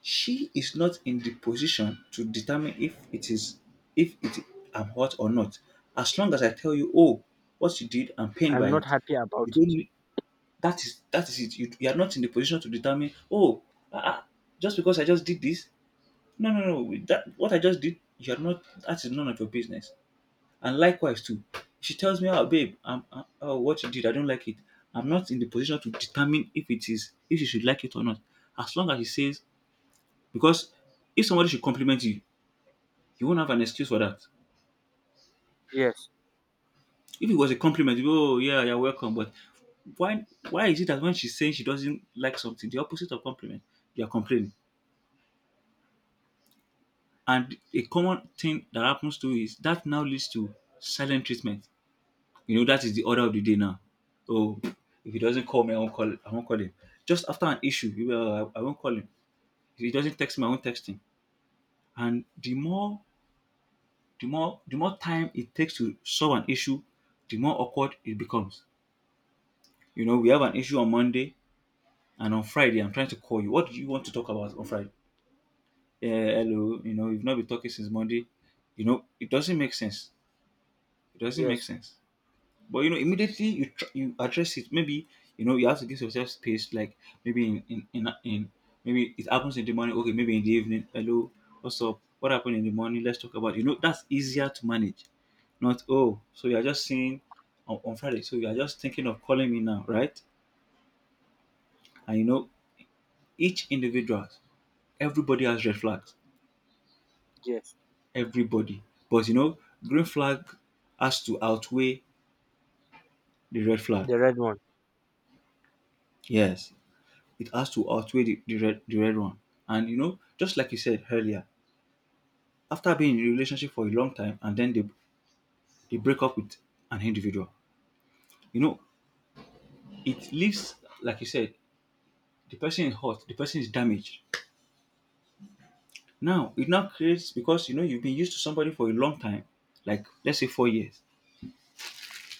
S2: she is not in the position to determine if it is, if it, am hurt or not. As long as I tell you, oh, what you did, I'm pained
S1: I'm
S2: by
S1: not
S2: it.
S1: happy
S2: You
S1: about
S2: don't
S1: it.
S2: need, that is it. You are not in the position to determine, oh, uh, just because I just did this. No, no, no. With that, what I just did, you're not, that is none of your business. And likewise too, she tells me, oh babe, I'm, oh, what you did, I don't like it. I'm not in the position to determine if it is, if she should like it or not. As long as she says, because if somebody should compliment you, you won't have an excuse for that.
S1: Yes.
S2: If it was a compliment, you go, oh yeah, you're welcome. But why is it that when she's saying she doesn't like something, the opposite of compliment, you're complaining? And a common thing that happens too is that, now leads to silent treatment. You know, that is the order of the day now. Oh, if he doesn't call me, I won't call him. Just after an issue, you will, I won't call him. If he doesn't text me, I won't text him. And the more time it takes to solve an issue, the more awkward it becomes. You know, we have an issue on Monday, and on Friday, I'm trying to call you. What do you want to talk about on Friday? Hello, you know, we've not been talking since Monday. You know, it doesn't make sense. It doesn't make
S1: Yes.
S2: sense. But you know, immediately you you address it. Maybe, you know, you have to give yourself space. Like maybe in, maybe it happens in the morning. Okay, maybe in the evening. Hello, what's up? What happened in the morning? Let's talk about. You know, that's easier to manage. Not, oh, so you are just saying on Friday. So you are just thinking of calling me now, right? And you know, each individual, everybody has red flags.
S1: Yes.
S2: Everybody, but you know, green flag has to outweigh the red flag.
S1: The red one.
S2: Yes, it has to outweigh the red one. And you know, just like you said earlier, after being in a relationship for a long time and then they break up with an individual, you know, it leaves like you said, the person is hurt, the person is damaged. Now it now creates because you know you've been used to somebody for a long time, like let's say 4 years.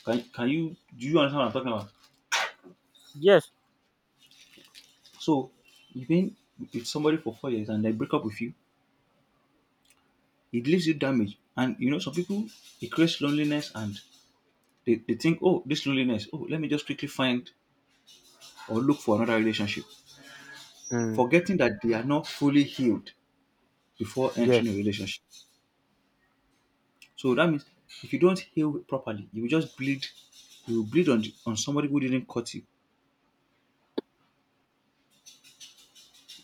S2: Can you do you understand what I'm talking about?
S1: Yes.
S2: So you've been with somebody for 4 years and they break up with you, it leaves you damaged. And you know, some people it creates loneliness and they think, oh, this loneliness, oh, let me just quickly find or look for another relationship,
S1: Mm.
S2: forgetting that they are not fully healed before
S1: Yes.
S2: entering a relationship. So that means if you don't heal properly, you will just bleed. You will bleed on somebody who didn't cut you.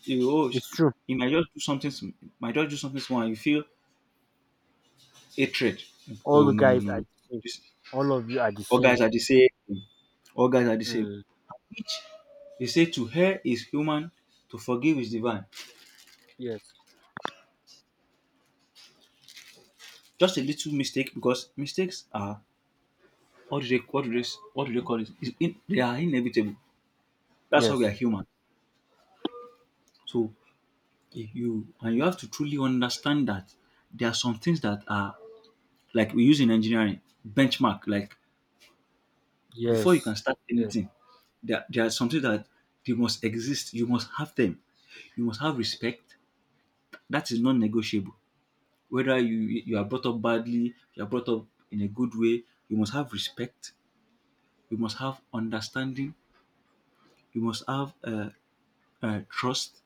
S2: You will, oh,
S1: It's true.
S2: he might just do something, might just do something small, and you feel hatred.
S1: All
S2: Oh
S1: the
S2: no no
S1: guys
S2: no
S1: are
S2: no!
S1: the same.
S2: This,
S1: All of you are the
S2: all
S1: same.
S2: guys are the same. All guys are the same.
S1: Mm.
S2: Which they say to her is human, to forgive is divine.
S1: Yes.
S2: Just a little mistake because mistakes are what do they what do they what do they call it? They are inevitable. That's why we are
S1: Yes.
S2: human. So if you and you have to truly understand that there are some things that are like we use in engineering benchmark. Like before you can
S1: Yes.
S2: start
S1: Yes.
S2: anything, there are some things that they must exist. You must have them. You must have respect. That is non-negotiable. Whether you are brought up badly, you are brought up in a good way, you must have respect. You must have understanding. You must have trust,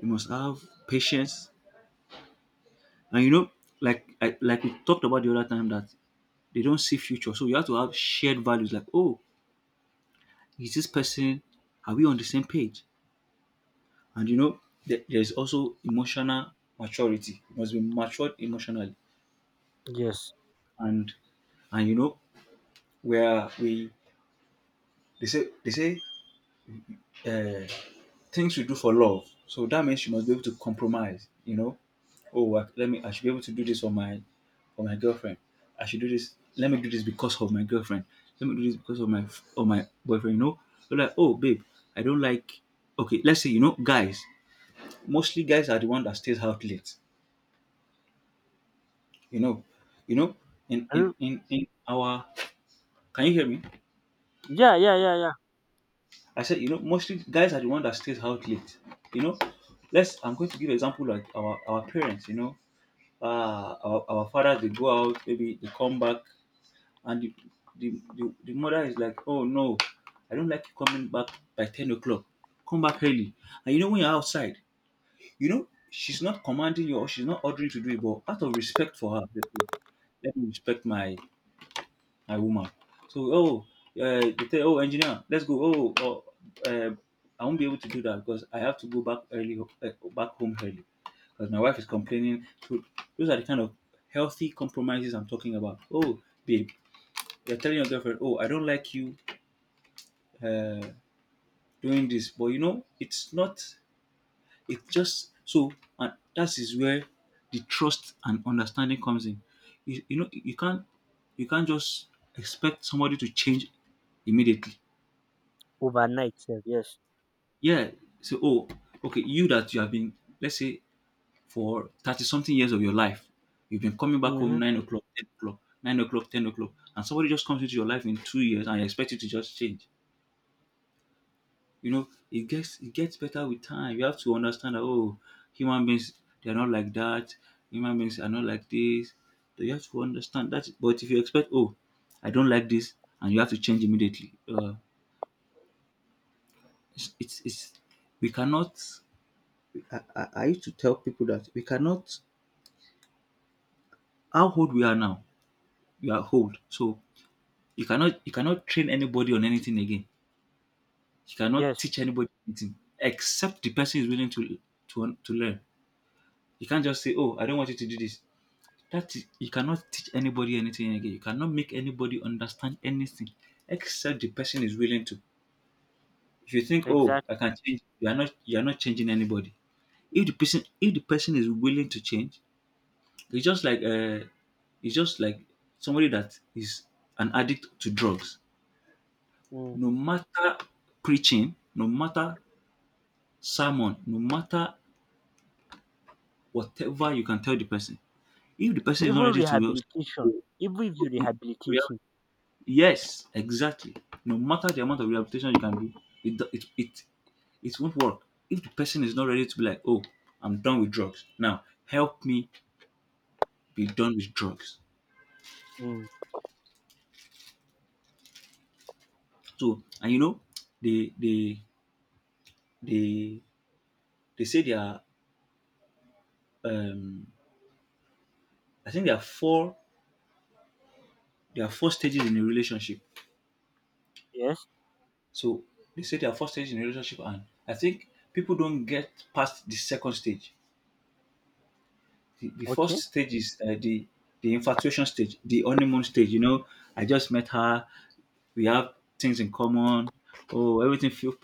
S2: you must have patience, and you know like we talked about the other time that they don't see future, so you have to have shared values like, oh, is this person, are we on the same page? And you know, there's also emotional maturity. You must be matured emotionally
S1: Yes.
S2: and you know where we they say uh, things we do for love. So that means you must be able to compromise. You know, oh, I, let me. I should be able to do this for my girlfriend. I should do this. Let me do this because of my girlfriend. Let me do this because of my boyfriend. You know, so like, oh, babe, I don't like. Okay, let's say, you know, guys. Mostly guys are the one that stays out late. You know, you know, in
S1: And
S2: our. Can you hear me?
S1: yeah, yeah, yeah, yeah.
S2: I said, you know, mostly guys are the one that stays out late. You know, let's. I'm going to give example like our parents. You know, ah, our fathers, they go out, maybe they come back, and the, the mother is like, "Oh no, I don't like you coming back by 10 o'clock. Come back early." And you know when you're outside, you know she's not commanding you or she's not ordering you to do it, but out of respect for her, let me respect my a woman. So, oh, they tell, oh, engineer, let's go. Oh uh, I won't be able to do that because I have to go back early, back home early because my wife is complaining. So, those are the kind of healthy compromises I'm talking about. Oh, babe, you're telling your girlfriend, oh, I don't like you uh, doing this, but you know, it's not, it's just so, and that is where the trust and understanding comes in. You know, you can't just expect somebody to change immediately.
S1: Overnight. Yeah. Yes.
S2: Yeah. So, okay, you that you have been, let's say, for 30 something years of your life, you've been coming back home
S1: Mm-hmm.
S2: 9 o'clock, 10 o'clock, 9 o'clock, 10 o'clock, and somebody just comes into your life in 2 years and expect you to just change. You know, it gets better with time. You have to understand that, oh, human beings, they're not like that. Human beings are not like this. So you have to understand that. But if you expect, oh, I don't like this, and you have to change immediately, it's, we cannot I used to tell people that we cannot how old we are now, we are old. So you cannot train anybody on anything again. You cannot
S1: Yes.
S2: teach anybody anything except the person is willing to to learn. You can't just say, "Oh, I don't want you to do this." That is, you cannot teach anybody anything again. You cannot make anybody understand anything except the person is willing to. If you think, "Oh, I
S1: Exactly.
S2: can change," you are not changing anybody. If the person is willing to change, it's just like it's just like somebody that is an addict to drugs.
S1: Mm.
S2: No matter preaching, no matter sermon, no matter whatever you can tell the person, if the person is not
S1: Even
S2: ready to
S1: rehabilitation.
S2: Reha-
S1: Even if you rehabilitate him.
S2: Yes, exactly. No matter the amount of rehabilitation you can do, it do- it it it won't work. If the person is not ready to be like, oh, I'm done with drugs. Now help me be done with drugs.
S1: Mm.
S2: So and you know, they they they they say they are um I think there are four stages in a relationship.
S1: Yes.
S2: So they say there are four stages in a relationship, and I think people don't get past the second stage. The first
S1: Okay.
S2: stage is the infatuation stage, the honeymoon stage. You know, I just met her. We have things in common. Oh,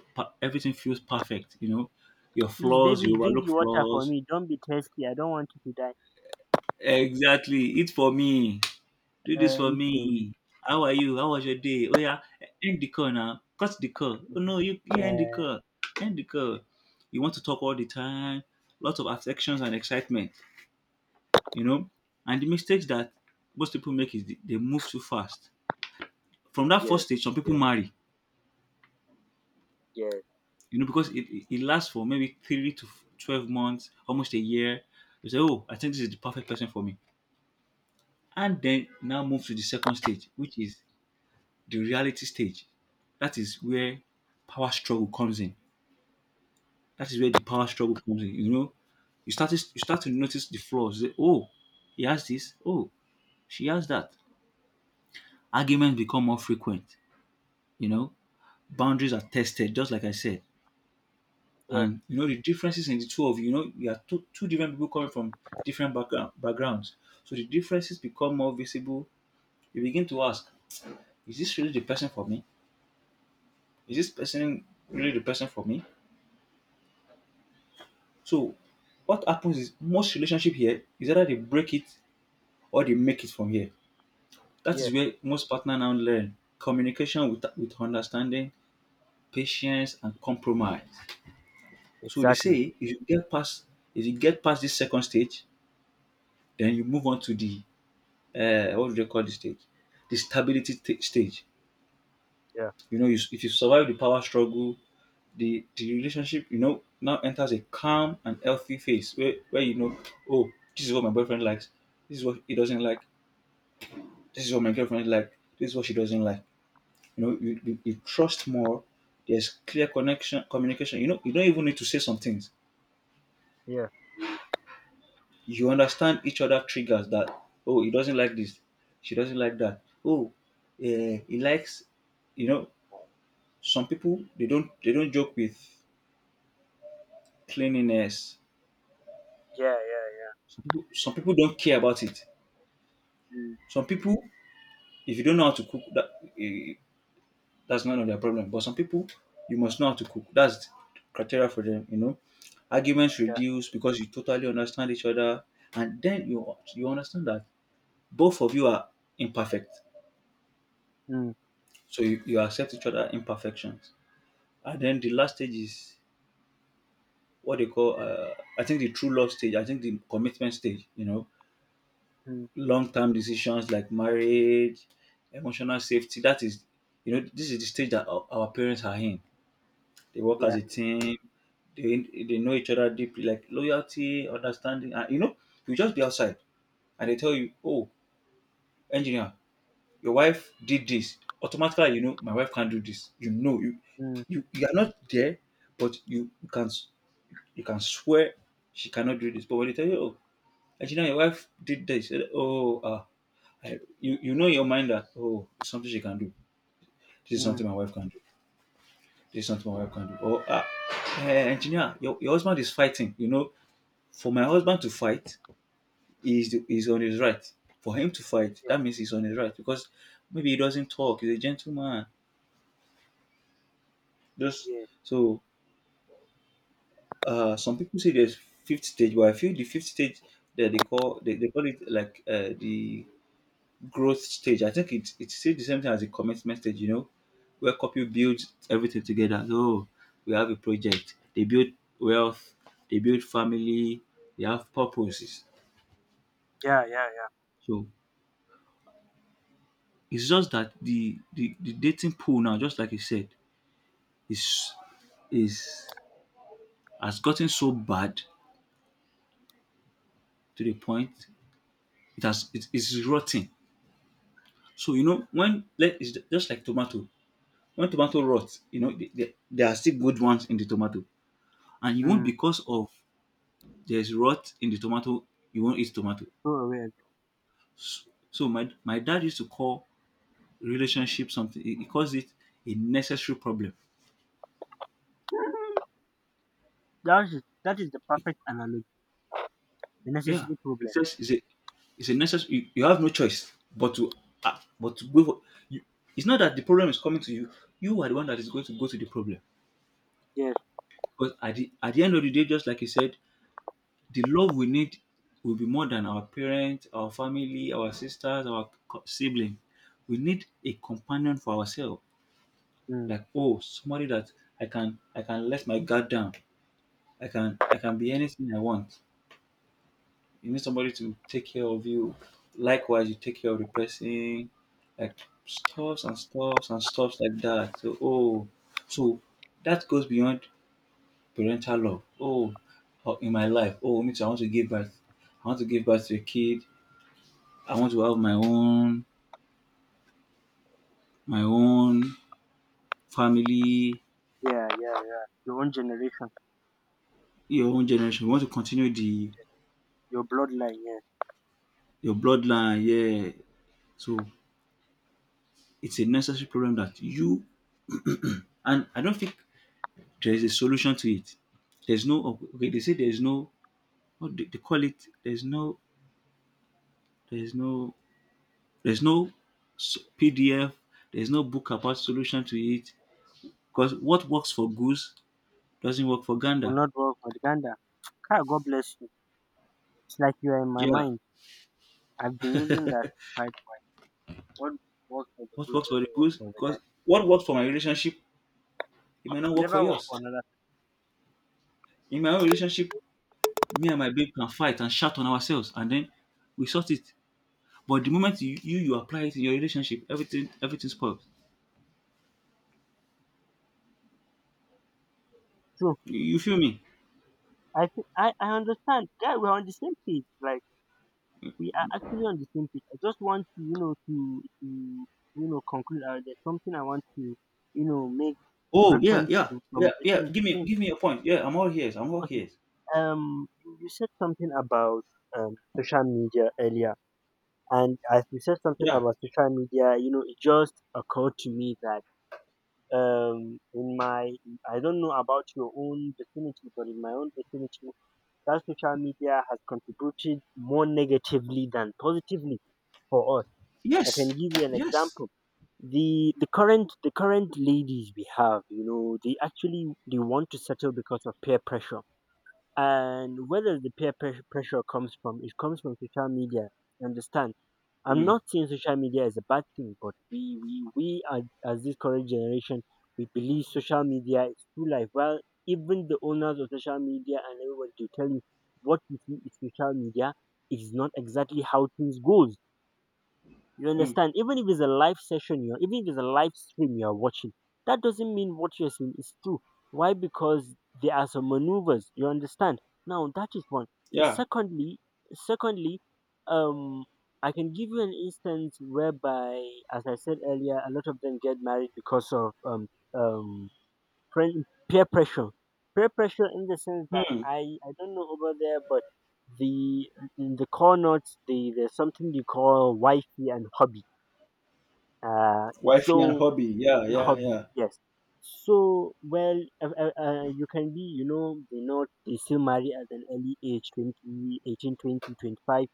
S2: everything feels perfect. You know, your
S1: Please,
S2: flaws, you
S1: baby, drink
S2: overlook
S1: the water for
S2: flaws.
S1: me. Don't be thirsty. I don't want you to die.
S2: Exactly, it's for me. Do this
S1: Uh,
S2: for
S1: okay.
S2: me. How are you? How was your day? Oh yeah, end the call now. Cut the call. Oh no, you end the
S1: Yeah,
S2: call. End the call. You want to talk all the time. Lots of affections and excitement, you know. And the mistakes that most people make is they move too fast. From that
S1: yeah,
S2: first stage, some people
S1: yeah,
S2: marry,
S1: yeah,
S2: you know, because it lasts for maybe 12 months, almost a year. You say, oh, I think this is the perfect person for me. And then now move to the second stage, which is the reality stage. That is where power struggle comes in. That is where the power struggle comes in. You know, you start to notice the flaws. You say, oh, he has this. Oh, she has that. Arguments become more frequent. You know, boundaries are tested, just like I said.
S1: yeah,
S2: And you know the differences in the two of you. You know, you are two different people coming from backgrounds. So the differences become more visible. You begin to ask, is this really the person for me? Is this person really the person for me? So what happens is most relationship here is either they break it or they make it from here. That
S1: yeah.
S2: is where most partner now learn communication with understanding, patience, and compromise. So they
S1: Exactly.
S2: say if you get past this second stage, then you move on to the what do they call this stage? The stage.
S1: Yeah,
S2: You know, if you survive the power struggle, the relationship, you know, now enters a calm and healthy phase where you know, oh, this is what my boyfriend likes, this is what he doesn't like, this is what my girlfriend like, this is what she doesn't like. You know, you trust more. There's clear connection, communication. You know, you don't even need to say some things.
S1: yeah,
S2: You understand each other triggers that, oh, he doesn't like this. She doesn't like that. Oh, he likes, you know, some people, they don't joke with cleanliness.
S1: yeah, yeah,
S2: Some people don't care about it.
S1: yeah. Mm,
S2: Some people, if you don't know how to cook, that eh, that's none of their problem. But some people, you must know how to cook. That's the criteria for them, you know. Arguments
S1: yeah,
S2: reduce because you totally understand each other, and then you understand that both of you are imperfect,
S1: mm,
S2: so you accept each other imperfections. And then the last stage is what they call, the true love stage. I think the commitment stage. You know,
S1: mm,
S2: long term decisions like marriage, emotional safety. That is, you know, this is the stage that our parents are in. They work as
S1: yeah,
S2: a team. They know each other deeply, like loyalty, understanding, and you just be outside, and they tell you, oh, engineer, your wife did this. Automatically, my wife can't do this. You know, you
S1: mm,
S2: you, you are not there, but you can swear she cannot do this. But when they tell you, oh, engineer, your wife did this, oh, ah, you know in your mind that oh, it's something she can do. This is
S1: mm,
S2: something my wife can do. This is something my wife can do. Or ah, engineer, your husband is fighting. For my husband to fight, he's on his right. For him to fight,
S1: yeah,
S2: that means he's on his right because maybe he doesn't talk. He's a gentleman. Just
S1: yeah,
S2: so some people say there's fifth stage, but I feel the fifth stage that they call it like the growth stage. I think it's still the same thing as the commitment stage. Where couple builds everything together. So we have a project. They build wealth. They build family. They have purposes.
S1: yeah, yeah,
S2: So it's just that the dating pool now, just like you said, is is has gotten so bad to the point it has it is rotting. So you know when let it's just like tomato. When tomato rots, you know there are still good ones in the tomato, and you
S1: yeah.
S2: won't
S1: Mm.
S2: because of there's rot in the tomato. You won't eat tomato.
S1: So aware.
S2: So my dad used to call relationship something. He calls it a necessary problem.
S1: That is the perfect analogy. The
S2: Yeah,
S1: necessary
S2: it's
S1: problem.
S2: just it's a necessary. You have no choice but to go. For you, it's not that the problem is coming to you. You are the one that is going to go to the problem.
S1: Yes.
S2: Because at the end of the day, just like you said, the love we need will be more than our parents, our family, our sisters, our sibling. We need a companion for ourselves.
S1: Mm.
S2: Like oh, somebody that I can let my guard down. I can be anything I want. You need somebody to take care of you. Likewise, you take care of the person, like stuffs and stuffs and stuffs like that. So, so that goes beyond parental love. Oh, oh, in my life, oh, me too, I want to give birth. I want to give birth to a kid. I want to have my own, family,
S1: Yeah, yeah, yeah. Your own generation,
S2: your own generation. You want to continue the
S1: your bloodline. Yeah,
S2: your bloodline, yeah. So it's a necessary problem that you, and I don't think there is a solution to it. There's no Okay, they say there's no, what do they call it? There's no there's no PDF, there's no book about solution to it. Because what works for goose doesn't work for
S1: will
S2: gander.
S1: not work for Uganda. God, God bless you. It's like you are in my
S2: Yeah.
S1: mind. I've been using that fight. Point. What works for the
S2: What
S1: good
S2: works for the
S1: doesn't work
S2: goose?
S1: for the guy.
S2: Because what works for my relationship, it might not work for
S1: Never work
S2: yours.
S1: for another.
S2: In my own relationship, me and my babe can fight and shout on ourselves, and then we sort it. But the moment you apply it in your relationship, everything spoils.
S1: True.
S2: You feel me?
S1: I thi- I understand. Yeah, we're on the same page. Like, we are actually on the same page. I just want to, to conclude. There's something I want to, make
S2: Oh yeah,
S1: reference
S2: yeah,
S1: to from
S2: yeah,
S1: the
S2: yeah.
S1: thing.
S2: Give me,
S1: thing.
S2: give me a point. Yeah, I'm all ears. I'm all
S1: Okay.
S2: ears.
S1: You said something about social media earlier, and as you said something
S2: Yeah.
S1: about social media, it just occurred to me that in my I don't know about your own vicinity, but in my own vicinity that social media has contributed more negatively than positively for us. I
S2: Yes.
S1: can give you an
S2: Yes.
S1: example. The current ladies we have, you know, they actually they want to settle because of peer pressure. And where does the peer pressure comes from? It comes from social media. Understand? I'm
S2: Mm,
S1: not saying social media is a bad thing, but we are, as this current generation, we believe social media is true life. Well, even the owners of social media and everybody to tell you what you see is social media is not exactly how things goes. You
S2: mm,
S1: understand? Even if it's a live session, even if it's a live stream you're watching, that doesn't mean what you're seeing is true. Why? Because there are some maneuvers. You understand? Now that is one.
S2: yeah.
S1: Secondly, secondly, um, I can give you an instance whereby, as I said earlier, a lot of them get married because of um friend, peer pressure. Peer pressure in the sense that
S2: Hmm.
S1: I don't know over there, but the in the core notes, there's something they call wifey and hubby uh,
S2: Wifey and
S1: so
S2: hobby. Yeah,
S1: and
S2: yeah,
S1: hobby,
S2: yeah.
S1: yes. So, well, you can be, they still marry at an early age, 20, 18 20, 25.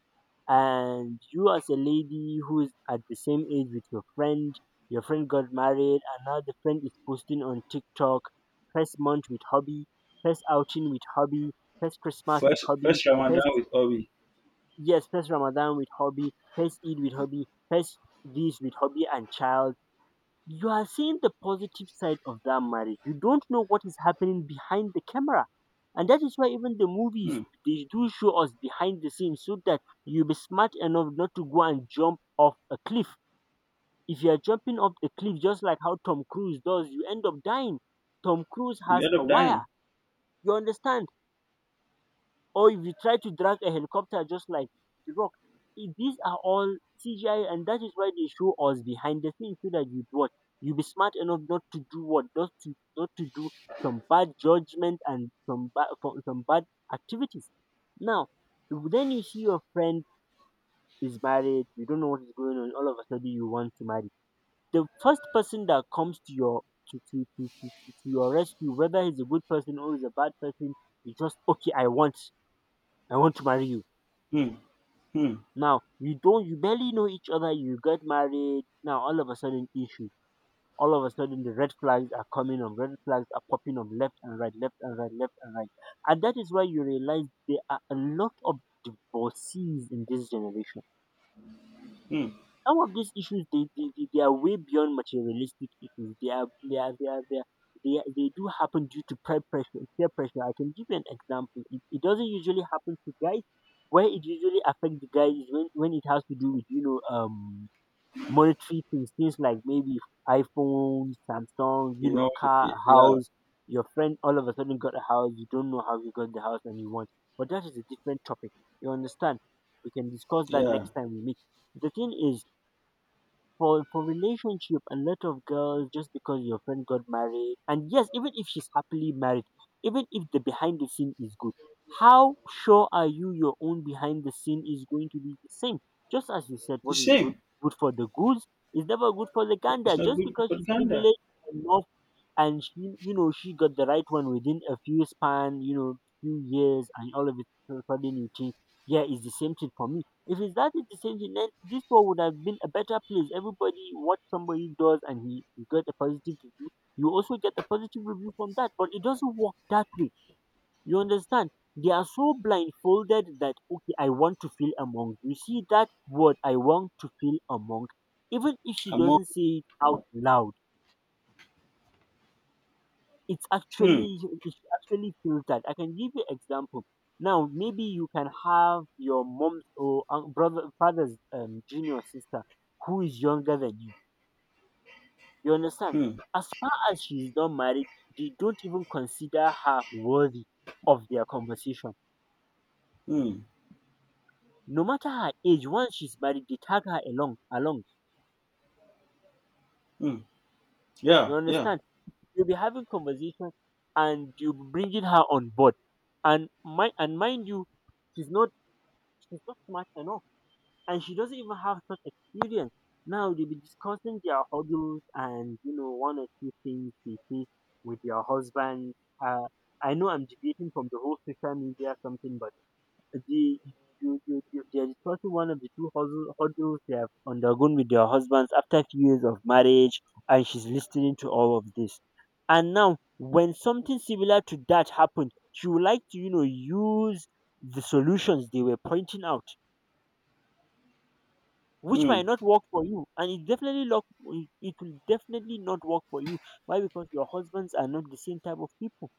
S1: And you as a lady who is at the same age with your friend got married, and now the friend is posting on TikTok, first month with hobby, first outing with hobby, first Christmas with
S2: First,
S1: hobby,
S2: first Ramadan
S1: first.
S2: with hobby.
S1: Yes, first Ramadan with hobby, first Eid with hobby, first this with hobby and child. You are seeing the positive side of that marriage. You don't know what is happening behind the camera. And that is why even the movies
S2: Hmm.
S1: they do show us behind the scenes so that you be smart enough not to go and jump off a cliff. If you are jumping off the cliff just like how Tom Cruise does, you end up dying. Tom Cruise
S2: You
S1: has
S2: end
S1: a
S2: up dying.
S1: wire. You understand? Or if you try to drag a helicopter just like the Rock, these are all CGI, and that is why they show us behind the scenes so that you, what, you be smart enough not to do what, not to do some bad judgment and some bad, some bad activities. Now then you see your friend is married, you don't know what is going on. All of a sudden you want to marry the first person that comes to your rescue, whether he's a good person or he's a bad person. You just, okay, I want to marry you.
S2: Hmm. Hmm.
S1: Now you don't, you barely know each other. You get married. Now all of a sudden issue. All of a sudden the red flags are coming up. Red flags are popping up left and right, left and right, left and right. And that is why you realize there are a lot of divorcees in this generation.
S2: Hmm.
S1: Some of these issues they are way beyond materialistic issues. They do happen due to peer pressure. Peer pressure. I can give you an example. It doesn't usually happen to guys. Where it usually affects the guys is when it has to do with monetary things, things like maybe iPhone, Samsung,
S2: You know.
S1: a car, a
S2: Yeah.
S1: house. Your friend all of a sudden got a house. You don't know how you got the house and you want. But that is a different topic. You understand? We can discuss that
S2: Yeah.
S1: next time we meet. The thing is, for relationship, a lot of girls, just because your friend got married, and yes, even if she's happily married, even if the behind the scene is good, how sure are you your own behind the scene is going to be the same? Just as you said,
S2: The
S1: what is good
S2: same.
S1: good for the goose is never good for the
S2: It's
S1: gander.
S2: not
S1: Just
S2: good
S1: because she's
S2: propaganda.
S1: privileged enough and she, you know she got the right one within a few span you know few years, and all of it so sudden, you think, yeah, it's the same thing for me. If it's that, it's the same thing, then this world would have been a better place. Everybody, what somebody does, and he got a positive review, you also get a positive review from that. But it doesn't work that way. You understand? They are so blindfolded that, okay, I want to feel among. You see that word? I want to feel among, even if she
S2: I'm all.
S1: doesn't say it out loud. it's
S2: Hmm.
S1: actually it's actually filtered. I can give you example. Now, maybe you can have your mom's or brother, father's junior sister who is younger than you. You understand?
S2: Hmm.
S1: As far as she's not married, they don't even consider her worthy of their conversation.
S2: Hmm.
S1: No matter her age, once she's married, they tag her along. Along,
S2: Hmm. Yeah.
S1: you
S2: Yeah.
S1: understand? You'll be having conversation, and you'll be bringing her on board. And mind you, she's not she's not smart enough, and she doesn't even have such experience. Now they'll be discussing their hurdles and, you know, one or two things they face with their husband. Uh, I know I'm deviating from the whole social media something, but the they're discussing one of the two hurdles they have undergone with their husbands after few years of marriage, and she's listening to all of this. And now, when something similar to that happened, she would like to, you know, use the solutions they were pointing out, which
S2: Hmm.
S1: might not work for you, and it definitely lock it it will definitely not work for you. Why? Because your husbands are not the same type of people.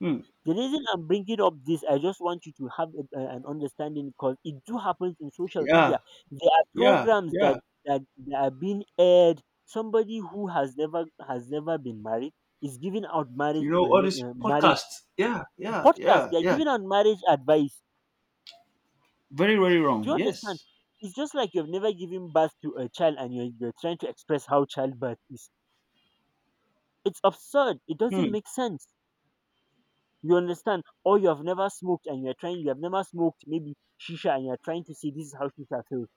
S2: Hmm.
S1: The reason I'm bringing up this, I just want you to have an understanding, because it do happens in social media.
S2: Yeah.
S1: There are
S2: Yeah.
S1: programs that
S2: Yeah.
S1: that, that are being aired. Somebody who has never been married is giving out marriage
S2: You know, all these
S1: rela- marriage
S2: podcasts. Yeah, yeah,
S1: podcast.
S2: yeah,
S1: They are
S2: yeah.
S1: giving out marriage advice.
S2: Very, very
S1: Do
S2: wrong.
S1: you understand?
S2: Yes.
S1: It's just like you've never given birth to a child and you're trying to express how childbirth is. It's absurd. It doesn't
S2: Hmm.
S1: make sense. You understand? Or you have never smoked and you're trying, you have never smoked maybe shisha, and you're trying to see, this is how shisha feels.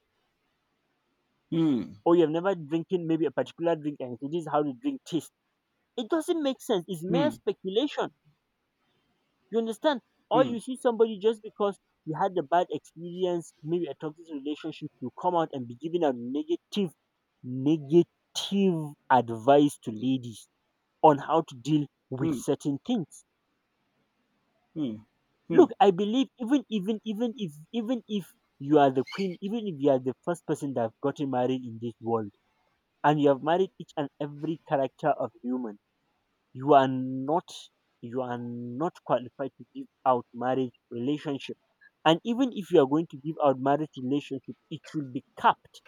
S2: Hmm.
S1: Or you have never drinking maybe a particular drink, and you say, this is how the drink tastes. It doesn't make sense. It's mere
S2: Hmm.
S1: speculation. You understand? Or
S2: Hmm.
S1: you see somebody, just because you had a bad experience, maybe a toxic relationship, you come out and be giving a negative, negative advice to ladies on how to deal with
S2: Hmm.
S1: certain things.
S2: Hmm. Hmm.
S1: Look, I believe even if you are the queen, even if you are the first person that have gotten married in this world, and you have married each and every character of human, you are not you are not qualified to give out marriage relationship. And even if you are going to give out marriage relationship, it should be capped.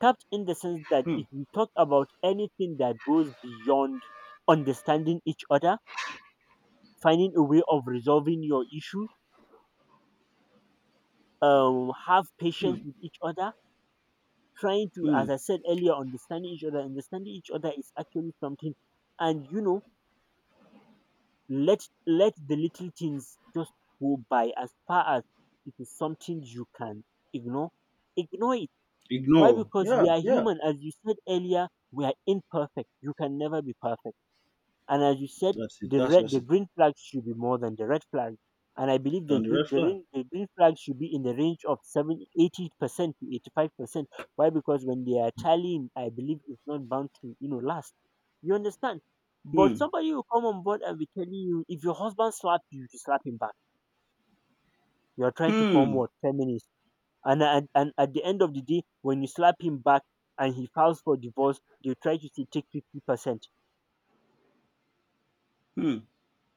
S1: Capped in the sense that
S2: Hmm.
S1: if you talk about anything that goes beyond understanding each other, finding a way of resolving your issues, um, have
S2: Hmm.
S1: patience with each other, trying to,
S2: Hmm.
S1: as I said earlier, understanding each other, understanding each other is actually something, and, you know, let let the little things just go by. As far as it is something you can ignore, ignore it. Why?
S2: Ignore.
S1: Because we
S2: Yeah,
S1: are
S2: yeah.
S1: human. As you said earlier, we are imperfect. You can never be perfect. And as you said,
S2: That's it.
S1: the
S2: That's
S1: red,
S2: just
S1: the
S2: it.
S1: green flag should be more than the red flag. And I believe the
S2: Down the
S1: green,
S2: red
S1: the
S2: flag.
S1: green, the green flag should be in the range of seven eighty percent to 85%. Why? Because when they are tallying, I believe it's not bound to, you know, last. You understand? But
S2: Hmm.
S1: somebody will come on board and be telling you, if your husband slapped you, you slap him back. You're trying to form
S2: Hmm.
S1: what? Feminist. And at the end of the day, when you slap him back and he files for divorce, they try to say, take 50%.
S2: Hmm.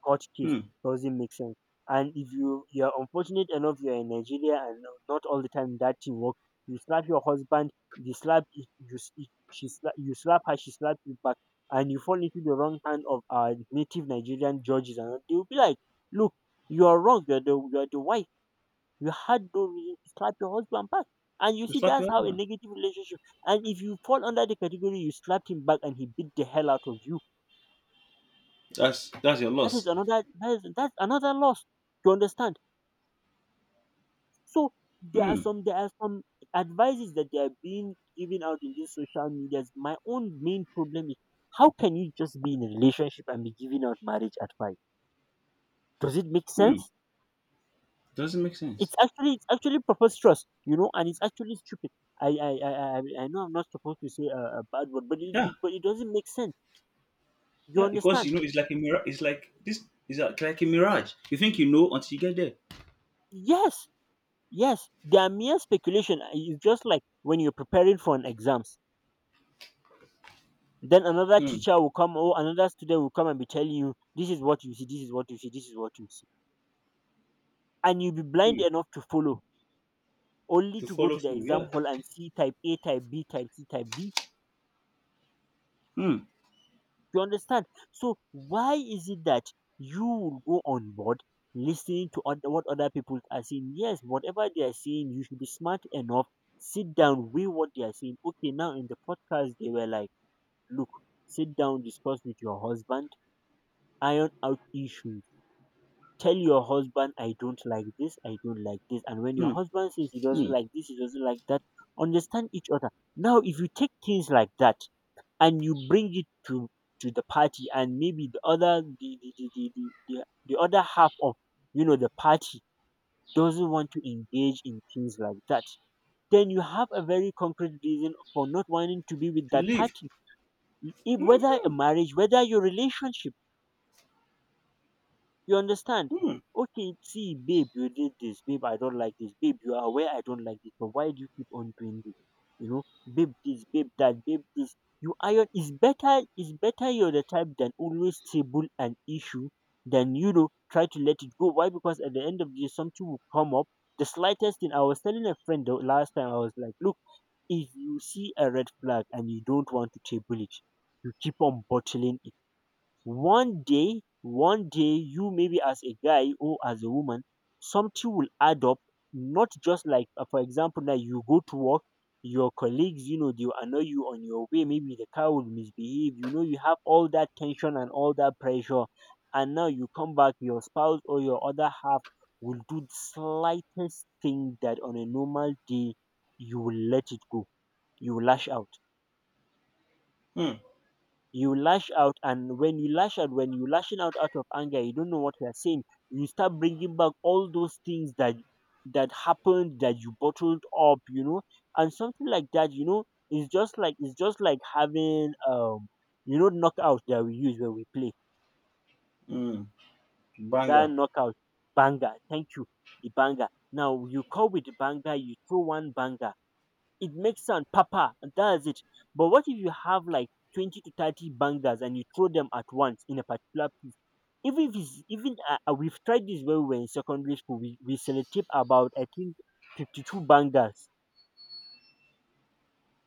S1: Court case
S2: Hmm.
S1: doesn't make sense. And if you are unfortunate enough, you're in Nigeria, and no, not all the time that thing work. You slap your husband, you slap you s- she slap, you slap her, she slaps you back, and you fall into the wrong hand of our native Nigerian judges, and they will be like, "Look, you are wrong. You're the wife. You had no reason to slap your husband back." And you
S2: You
S1: see,
S2: slap
S1: that's
S2: your
S1: how a
S2: husband.
S1: negative relationship. And if you fall under the category, you slapped him back, and he beat the hell out of you.
S2: That's your
S1: That is
S2: loss.
S1: another that is that's another loss. You understand? So there are
S2: Hmm.
S1: some there are some advices that they are being given out in these social medias. My own main problem is, how can you just be in a relationship and be giving out marriage advice? Does it make
S2: Hmm.
S1: sense?
S2: Doesn't make sense.
S1: It's actually preposterous, you know, and it's actually stupid. I I I I know I'm not supposed to say a bad word, but it
S2: Yeah.
S1: it- but it doesn't make sense. You
S2: Yeah. Because
S1: understand?
S2: you know it's like a mirage. It's like this. It's like a mirage. You think you know until you get there.
S1: Yes, yes. They are mere speculation. It's just like when you're preparing for an exam. Then another
S2: Hmm.
S1: teacher will come or another student will come and be telling you, this is what you see, this is what you see, this is what you see. And you'll be
S2: Hmm.
S1: blind enough to follow, only
S2: To
S1: to go
S2: follow
S1: to the
S2: through.
S1: exam
S2: Yeah.
S1: hall and see type A, type B, type C, type D.
S2: Mm,
S1: You understand? So why is it that you will go on board listening to oth- what other people are saying? Yes, whatever they are saying, you should be smart enough. Sit down, weigh what they are saying. Okay, now in the podcast, they were like, look, sit down, discuss with your husband, iron out issues. Tell your husband, I don't like this, I don't like this. And when your
S2: mm,
S1: husband says he doesn't
S2: mm.
S1: like this, he doesn't like that, understand each other. Now, if you take things like that and you bring it to the party, and maybe the other, the the other half of, you know, the party doesn't want to engage in things like that, then you have a very concrete reason for not wanting to be with
S2: To
S1: that
S2: live.
S1: party. If, whether a
S2: Mhm,
S1: marriage, whether your relationship, you understand?
S2: mm,
S1: Okay, see, babe, you did this. Babe, I don't like this. Babe, you are aware I don't like this, but why do you keep on doing this? You know, babe, this, babe, that, babe, this. You iron is better. Is better you're the type than always table an issue than, you know, try to let it go. Why? Because at the end of the day, something will come up. The slightest thing. I was telling a friend the last time. I was like, look, if you see a red flag and you don't want to table it, you keep on bottling one day, you maybe as a guy or as a woman, something will add up. Not just like, for example, now you go to work, your colleagues, you know, they will annoy you on your way. Maybe the car will misbehave. You know, you have all that tension and all that pressure. And now you come back, your spouse or your other half will do the slightest thing that on a normal day you will let it go. You will lash out,
S2: mm,
S1: you lash out, and when you lash out, when you lashing out out of anger, you don't know what you're saying. You start bringing back all those things that that happened that you bottled up, you know, and something like that, you know, it's just like having knockout that we use when we play.
S2: mm.
S1: That
S2: Banger.
S1: knockout, banger, thank you. The banger, now you come with the banger, you throw one banger, it makes sound papa, and that's it. But what if you have like 20 to 30 bangers and you throw them at once in a particular piece? Even if it's, even we've tried this when we were in secondary school. We selected about, I think, 52 bangers.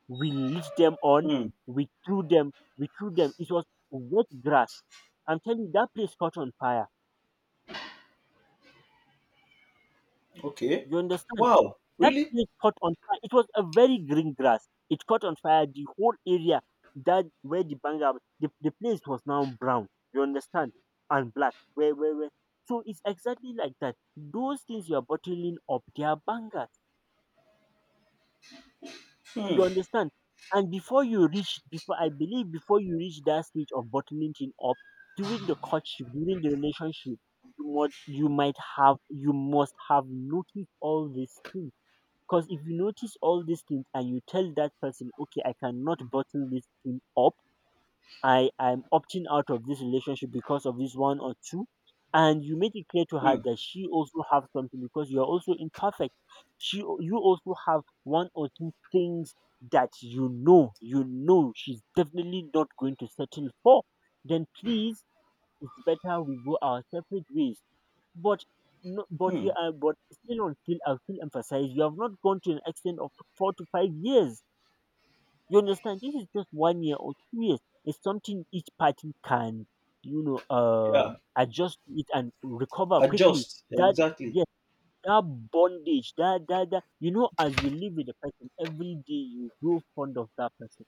S1: We lit them on,
S2: Mm.
S1: we threw them, we threw them. It was wet grass. I'm telling you, that place caught on fire.
S2: Okay.
S1: You understand?
S2: Wow.
S1: That
S2: Really?
S1: place caught on fire. It was a very green grass. It caught on fire. The whole area that where the bang the place was now brown. You understand? And black. Where, where? So it's exactly like that. Those things you are bottling up, they are bangers.
S2: Mm,
S1: You understand? And before you reach, before you reach that stage of bottling thing up, during the courtship, during the relationship, you must have noticed all these things. Because if you notice all these things and you tell that person, okay, I cannot bottle this thing up, I am opting out of this relationship because of this one or two, and you make it clear to her
S2: mm,
S1: that she also have something because you are also imperfect. You also have one or two things that you know she's definitely not going to settle for. Then please, it's better we go our separate ways. But no, but you
S2: mm.
S1: are, but still on still I still emphasize you have not gone to an extent of 4 to 5 years. You understand? This is just one year or 2 years. It's something each party can,
S2: Yeah.
S1: adjust to it and recover quickly.
S2: Adjust.
S1: That
S2: Exactly.
S1: yes, that bondage, that that that as you live with the person every day, you grow fond of that person,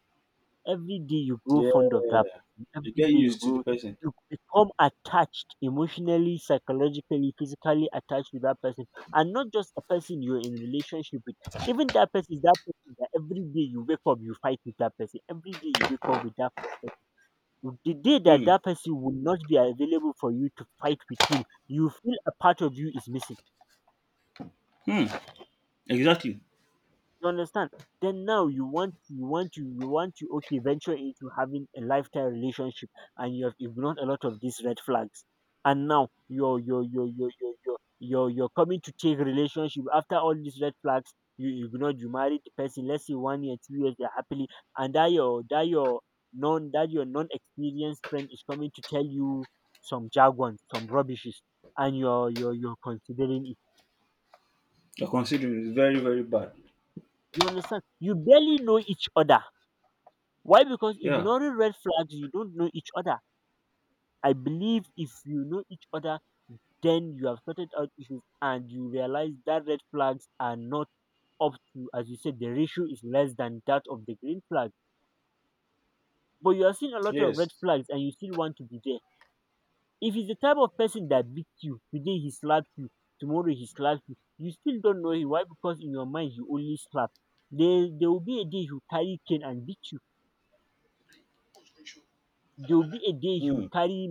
S1: every day you grow
S2: Yeah.
S1: fond of that person,
S2: You
S1: every
S2: get
S1: day you
S2: used to the
S1: grow,
S2: person.
S1: you become attached emotionally, psychologically, physically attached to that person, and not just a person you're in relationship with. Even that person is that person that every day you wake up, you fight with that person. Every day you wake up with that person. The day that
S2: Hmm.
S1: that person will not be available for you to fight with him, you feel a part of you is missing.
S2: Hmm. Exactly.
S1: You understand? Then now you want to okay venture into having a lifetime relationship and you have ignored a lot of these red flags. And now you're coming to take relationship after all these red flags you ignored, you married the person, let's say one year 2 years they're happily. And that your non that your non-experienced friend is coming to tell you some jargon, some rubbishes, and you're considering it.
S2: You're considering it very, very bad.
S1: You understand? You barely know each other. Why? Because
S2: Yeah.
S1: ignoring red flags, you don't know each other. I believe if you know each other, then you have sorted out issues and you realize that red flags are not up to, as you said, the ratio is less than that of the green flag. But you are seeing a lot of red
S2: Yes.
S1: flags and you still want to be there. If he's the type of person that beats you, today he slaps you, tomorrow he slaps you, you still don't know him. Why? Because in your mind, you only slap. There will be a day he'll carry cane and beat you. There will be a day he'll
S2: Hmm.
S1: carry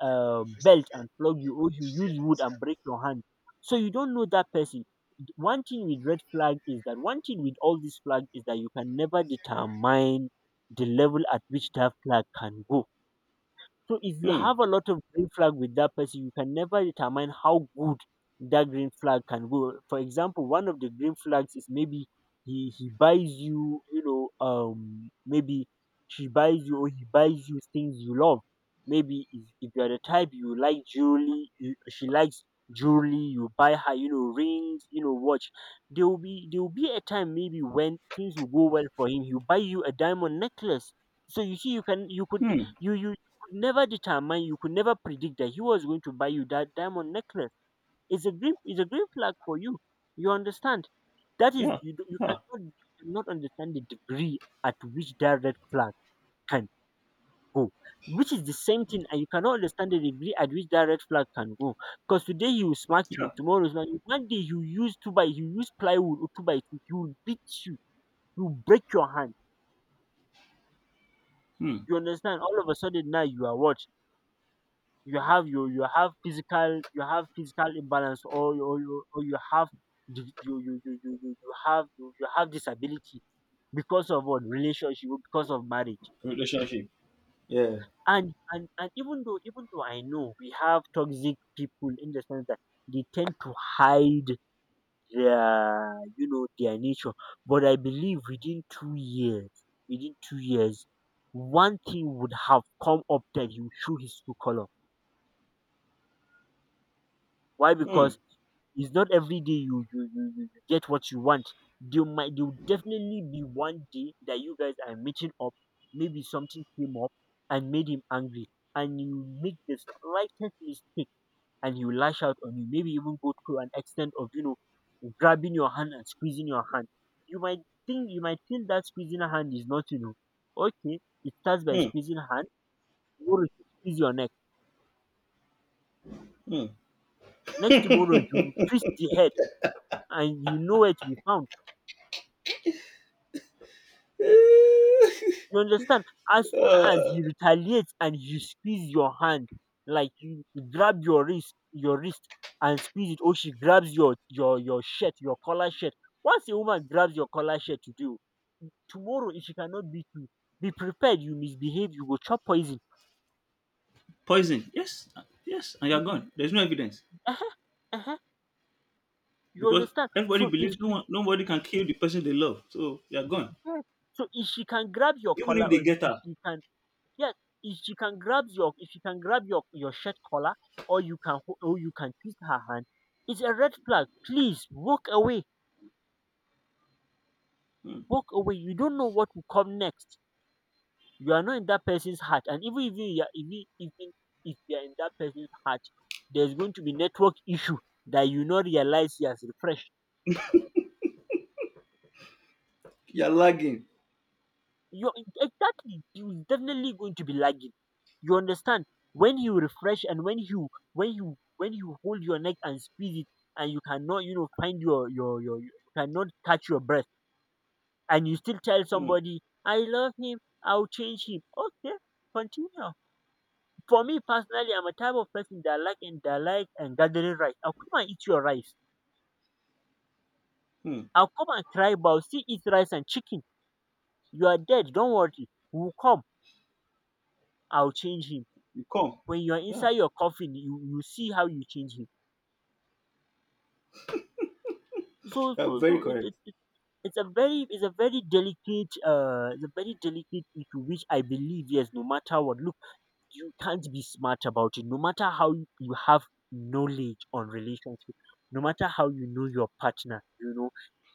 S1: belt and flog you, or you use wood and break your hand. So you don't know that person. One thing with red flag is that, one thing with all these flag is that you can never determine the level at which that flag can go. So if you
S2: Hmm.
S1: have a lot of green flag with that person, you can never determine how good that green flag can go. For example, one of the green flags is maybe he buys you, maybe she buys you or he buys you things you love. Maybe if you are the type you like jewelry, you, she likes jewelry, you buy her, rings, watch. There will be a time maybe when things will go well for him. He'll buy you a diamond necklace. So you see, you can you could
S2: Hmm.
S1: you you could never determine, you could never predict that he was going to buy you that diamond necklace. It's a green flag for you. You understand? That is,
S2: Yeah.
S1: you, do- You
S2: Yeah.
S1: cannot, you cannot understand the degree at which that red flag can go, which is the same thing, and you cannot understand the degree at which that red flag can go. Because today he will smack you,
S2: Yeah.
S1: tomorrow he will smack you. One day you use plywood or two by two, he will beat you, he will break your hand.
S2: Hmm.
S1: You understand? All of a sudden now you are what? You have physical imbalance, or you have di- you, you, you have disability because of what? Relationship. Because of marriage.
S2: Relationship. Yeah.
S1: And even though, I know we have toxic people in the sense that they tend to hide their, their nature. But I believe within 2 years, within 2 years, one thing would have come up that he would show his true color. Why?
S2: Hmm.
S1: Because it's not every day you you get what you want. There will definitely be one day that you guys are meeting up. Maybe something came up and made him angry, and you make the slightest mistake, and he will lash out on you. Maybe even go to an extent of grabbing your hand and squeezing your hand. You might think you might feel that squeezing a hand is not okay. It starts by
S2: Hmm.
S1: squeezing hand. Tomorrow you squeeze your neck.
S2: Mm.
S1: Next tomorrow you twist the head, and you know where to be found. You understand? As soon as he retaliates and you squeeze your hand, like you grab your wrist, and squeeze it, or she grabs your shirt, your collar shirt. Once a woman grabs your collar shirt to do, tomorrow, if she cannot beat you, be prepared. You misbehave, you will chop poison.
S2: Poison. Yes, yes, and you're
S1: You- If,
S2: gone. There's no evidence
S1: uh-huh, uh-huh, you
S2: because
S1: understand?
S2: everybody
S1: So if
S2: believes no
S1: she,
S2: one, nobody can kill the person they love. So you're gone.
S1: yeah, so if she can grab your
S2: Even
S1: collar,
S2: if
S1: or
S2: they get
S1: if
S2: her,
S1: she can, yes, if she can grab your if she can grab your shirt collar, or you can twist her hand, it's a red flag. Please walk away,
S2: hmm,
S1: walk away. You don't know what will come next. You are not in that person's heart, and even if you are, even even if you are in that person's heart, there's going to be network issue that you not realize he has refreshed.
S2: you're lagging.
S1: You're Exactly. He's definitely going to be lagging. You understand? When you refresh and when you hold your neck and squeeze it and you cannot find your you cannot catch your breath and you still tell
S2: Hmm,
S1: somebody I love him, I'll change him. Okay, continue. For me personally, I'm a type of person that like and gathering rice. I'll come and eat your rice.
S2: hmm.
S1: I'll come and cry, but I'll still eat rice and chicken. You are dead. Don't worry. We'll come. I'll change him.
S2: You come.
S1: When you are
S2: Yeah,
S1: inside your coffin, you see how you change him. So,
S2: you're
S1: so,
S2: very
S1: so
S2: correct.
S1: it's a very, delicate, it's a very delicate issue. Which I believe, yes, no matter what, look, you can't be smart about it. No matter how you have knowledge on relationship, no matter how you know your partner, you know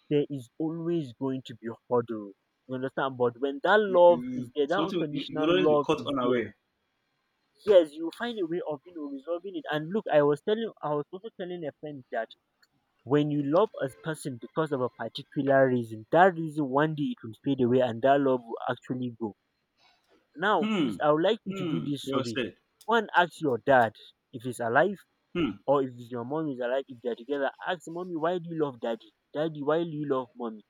S1: there is always going to be a hurdle. You understand? But when that love is there, that
S2: Something you
S1: unconditional
S2: will always be
S1: love
S2: caught
S1: is there,
S2: unaware.
S1: yes, you find a way of resolving it. And look, I was also telling a friend that when you love a person because of a particular reason, that reason one day it will fade away and that love will actually go. Now,
S2: Hmm.
S1: please, I would like you to do
S2: Hmm.
S1: this for
S2: Well
S1: me.
S2: said.
S1: One, ask your dad if he's alive,
S2: Hmm.
S1: or if your mom is alive, if they're together. Ask mommy, why do you love daddy? Daddy, why do you love mommy?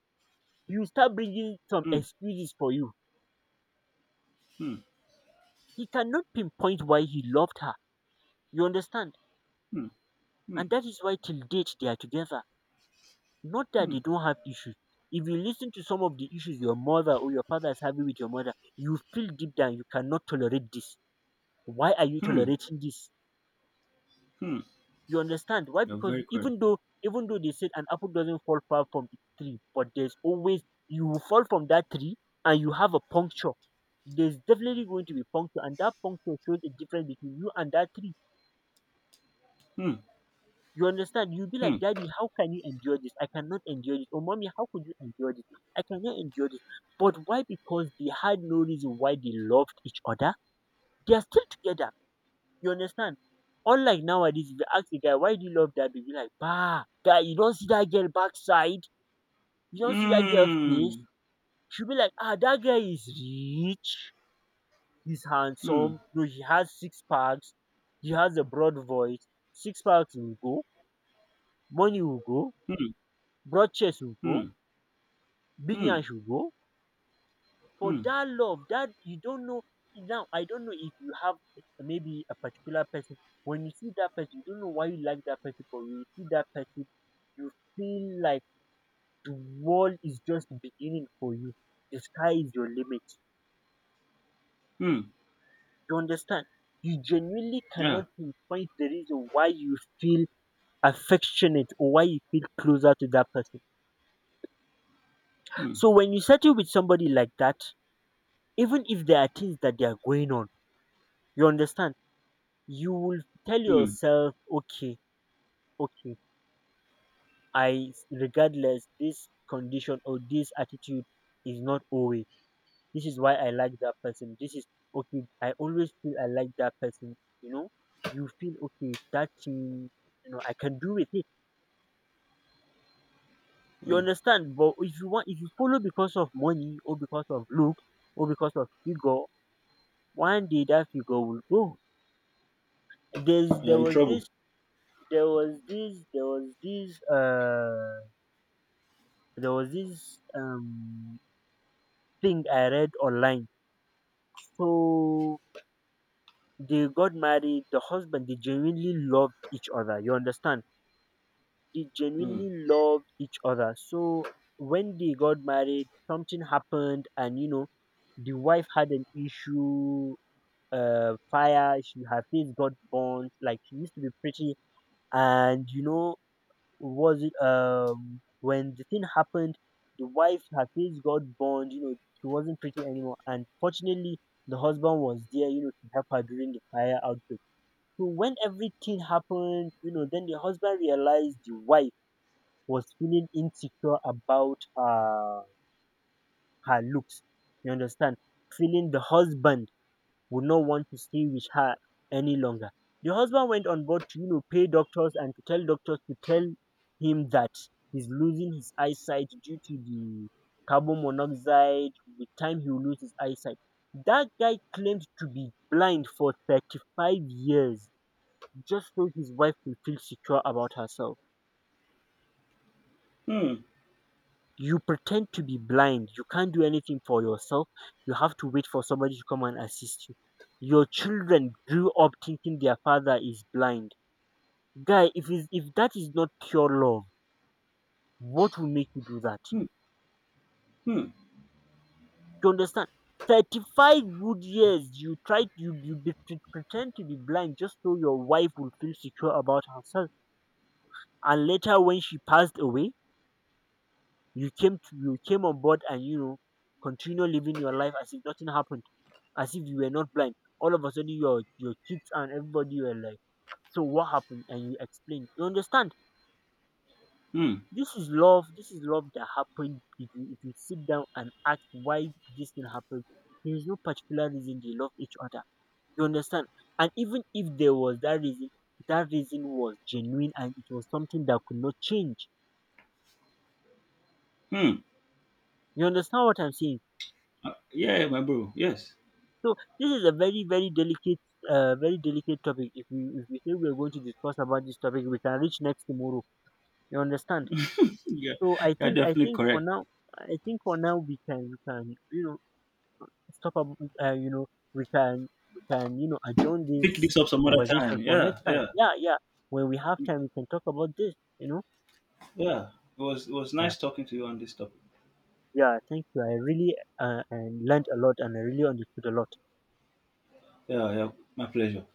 S1: He will start bringing some
S2: Hmm.
S1: excuses for you.
S2: Hmm.
S1: He cannot pinpoint why he loved her. You understand?
S2: Hmm. Hmm.
S1: And that is why till date they are together. Not that
S2: Hmm.
S1: they don't have issues. If you listen to some of the issues your mother or your father is having with your mother, you feel deep down you cannot tolerate this. Why are you
S2: Hmm.
S1: tolerating this?
S2: Hmm.
S1: You understand why?
S2: You're
S1: Because
S2: very correct.
S1: even though they said an apple doesn't fall far from the tree, but there's always you will fall from that tree and you have a puncture. There's definitely going to be puncture, and that puncture shows the difference between you and that tree.
S2: Hmm.
S1: You understand? You'll be
S2: Hmm.
S1: like, Daddy, how can you endure this? I cannot endure this. Or mommy, how could you endure this? I cannot endure this. But why? Because they had no reason why they loved each other. They are still together. You understand? Unlike nowadays, if you ask a guy, why do you love that baby? Like, bah, guy, you don't see that girl backside. You don't see that girl face.
S2: Hmm.
S1: She'll be like, ah, that guy is rich. He's
S2: Hmm. Hmm.
S1: handsome. No, he has six packs. He has a broad voice. Six packs will go. Money will go.
S2: Hmm.
S1: Broad chest will
S2: Hmm.
S1: go.
S2: Hmm.
S1: Binyan should go. For
S2: Hmm.
S1: that love, that you don't know. Now, I don't know if you have maybe a particular person. When you see that person, you don't know why you like that person, but when you see that person, you feel like the world is just beginning for you. The sky is your limit.
S2: Hmm.
S1: You understand? You genuinely
S2: Yeah.
S1: cannot pinpoint the reason why you feel affectionate or why you feel closer to that person.
S2: Hmm.
S1: So when you settle with somebody like that, even if there are things that they are going on, you understand? You will tell
S2: Hmm.
S1: yourself, okay, okay, I regardless this condition or this attitude is not always. This is why I like that person. This is okay. I always feel I like that person. You feel okay. That thing, I can do with it. You
S2: Mm.
S1: understand? But if you want, if you follow because of money or because of looks or because of figure, one day that figure will go. There's
S2: You're
S1: there
S2: in
S1: was
S2: trouble.
S1: this there was this there was this uh there was this thing I read online. So they got married. The husband, they genuinely loved each other. You understand? They
S2: Hmm.
S1: genuinely loved each other. So when they got married, something happened, and the wife had an issue. Fire. She Her face got burnt. Like, she used to be pretty, and was it when the thing happened, the wife her face got burned. She wasn't pretty anymore, and fortunately, the husband was there, you know, to help her during the fire outbreak. So when everything happened, you know, then the husband realized the wife was feeling insecure about her looks. You understand? Feeling the husband would not want to stay with her any longer. The husband went on board to, you know, pay doctors and to tell doctors to tell him that he's losing his eyesight due to the carbon monoxide. With time, he will lose his eyesight. That guy claimed to be blind for 35 years just so his wife will feel secure about herself.
S2: Hmm.
S1: You pretend to be blind, you can't do anything for yourself. You have to wait for somebody to come and assist you. Your children grew up thinking their father is blind. Guy, if that is not pure love, what will make you do that?
S2: Hmm. Hmm.
S1: You understand? 35 good years, you tried you you be- pre- pretend to be blind just so your wife will feel secure about herself. And later, when she passed away, you came on board and, you know, continue living your life as if nothing happened, as if you were not blind. All of a sudden your kids and everybody were like, so what happened? And you explain. You understand?
S2: Hmm.
S1: This is love that happened. If you if you sit down and ask why this thing happened, there is no particular reason they love each other. You understand? And even if there was that reason was genuine and it was something that could not change.
S2: Mm.
S1: You understand what I'm saying?
S2: Yeah, my bro. Yes.
S1: So this is a very, very delicate topic. If we say we are going to discuss about this topic, we can reach next tomorrow. You understand?
S2: Yeah,
S1: So
S2: you're
S1: I
S2: definitely
S1: think for
S2: correct.
S1: now, I think for now we can, you know, stop. You know, we can, you know, adjourn
S2: Pick
S1: this
S2: this up some other
S1: conversation
S2: time.
S1: for
S2: Yeah,
S1: next time.
S2: yeah,
S1: Yeah, yeah. When we have time, we can talk about this. You know.
S2: yeah. It was
S1: Yeah.
S2: nice talking to you on this topic.
S1: Yeah. Thank you. I really, I learned a lot and I really understood a lot.
S2: Yeah, yeah. My pleasure.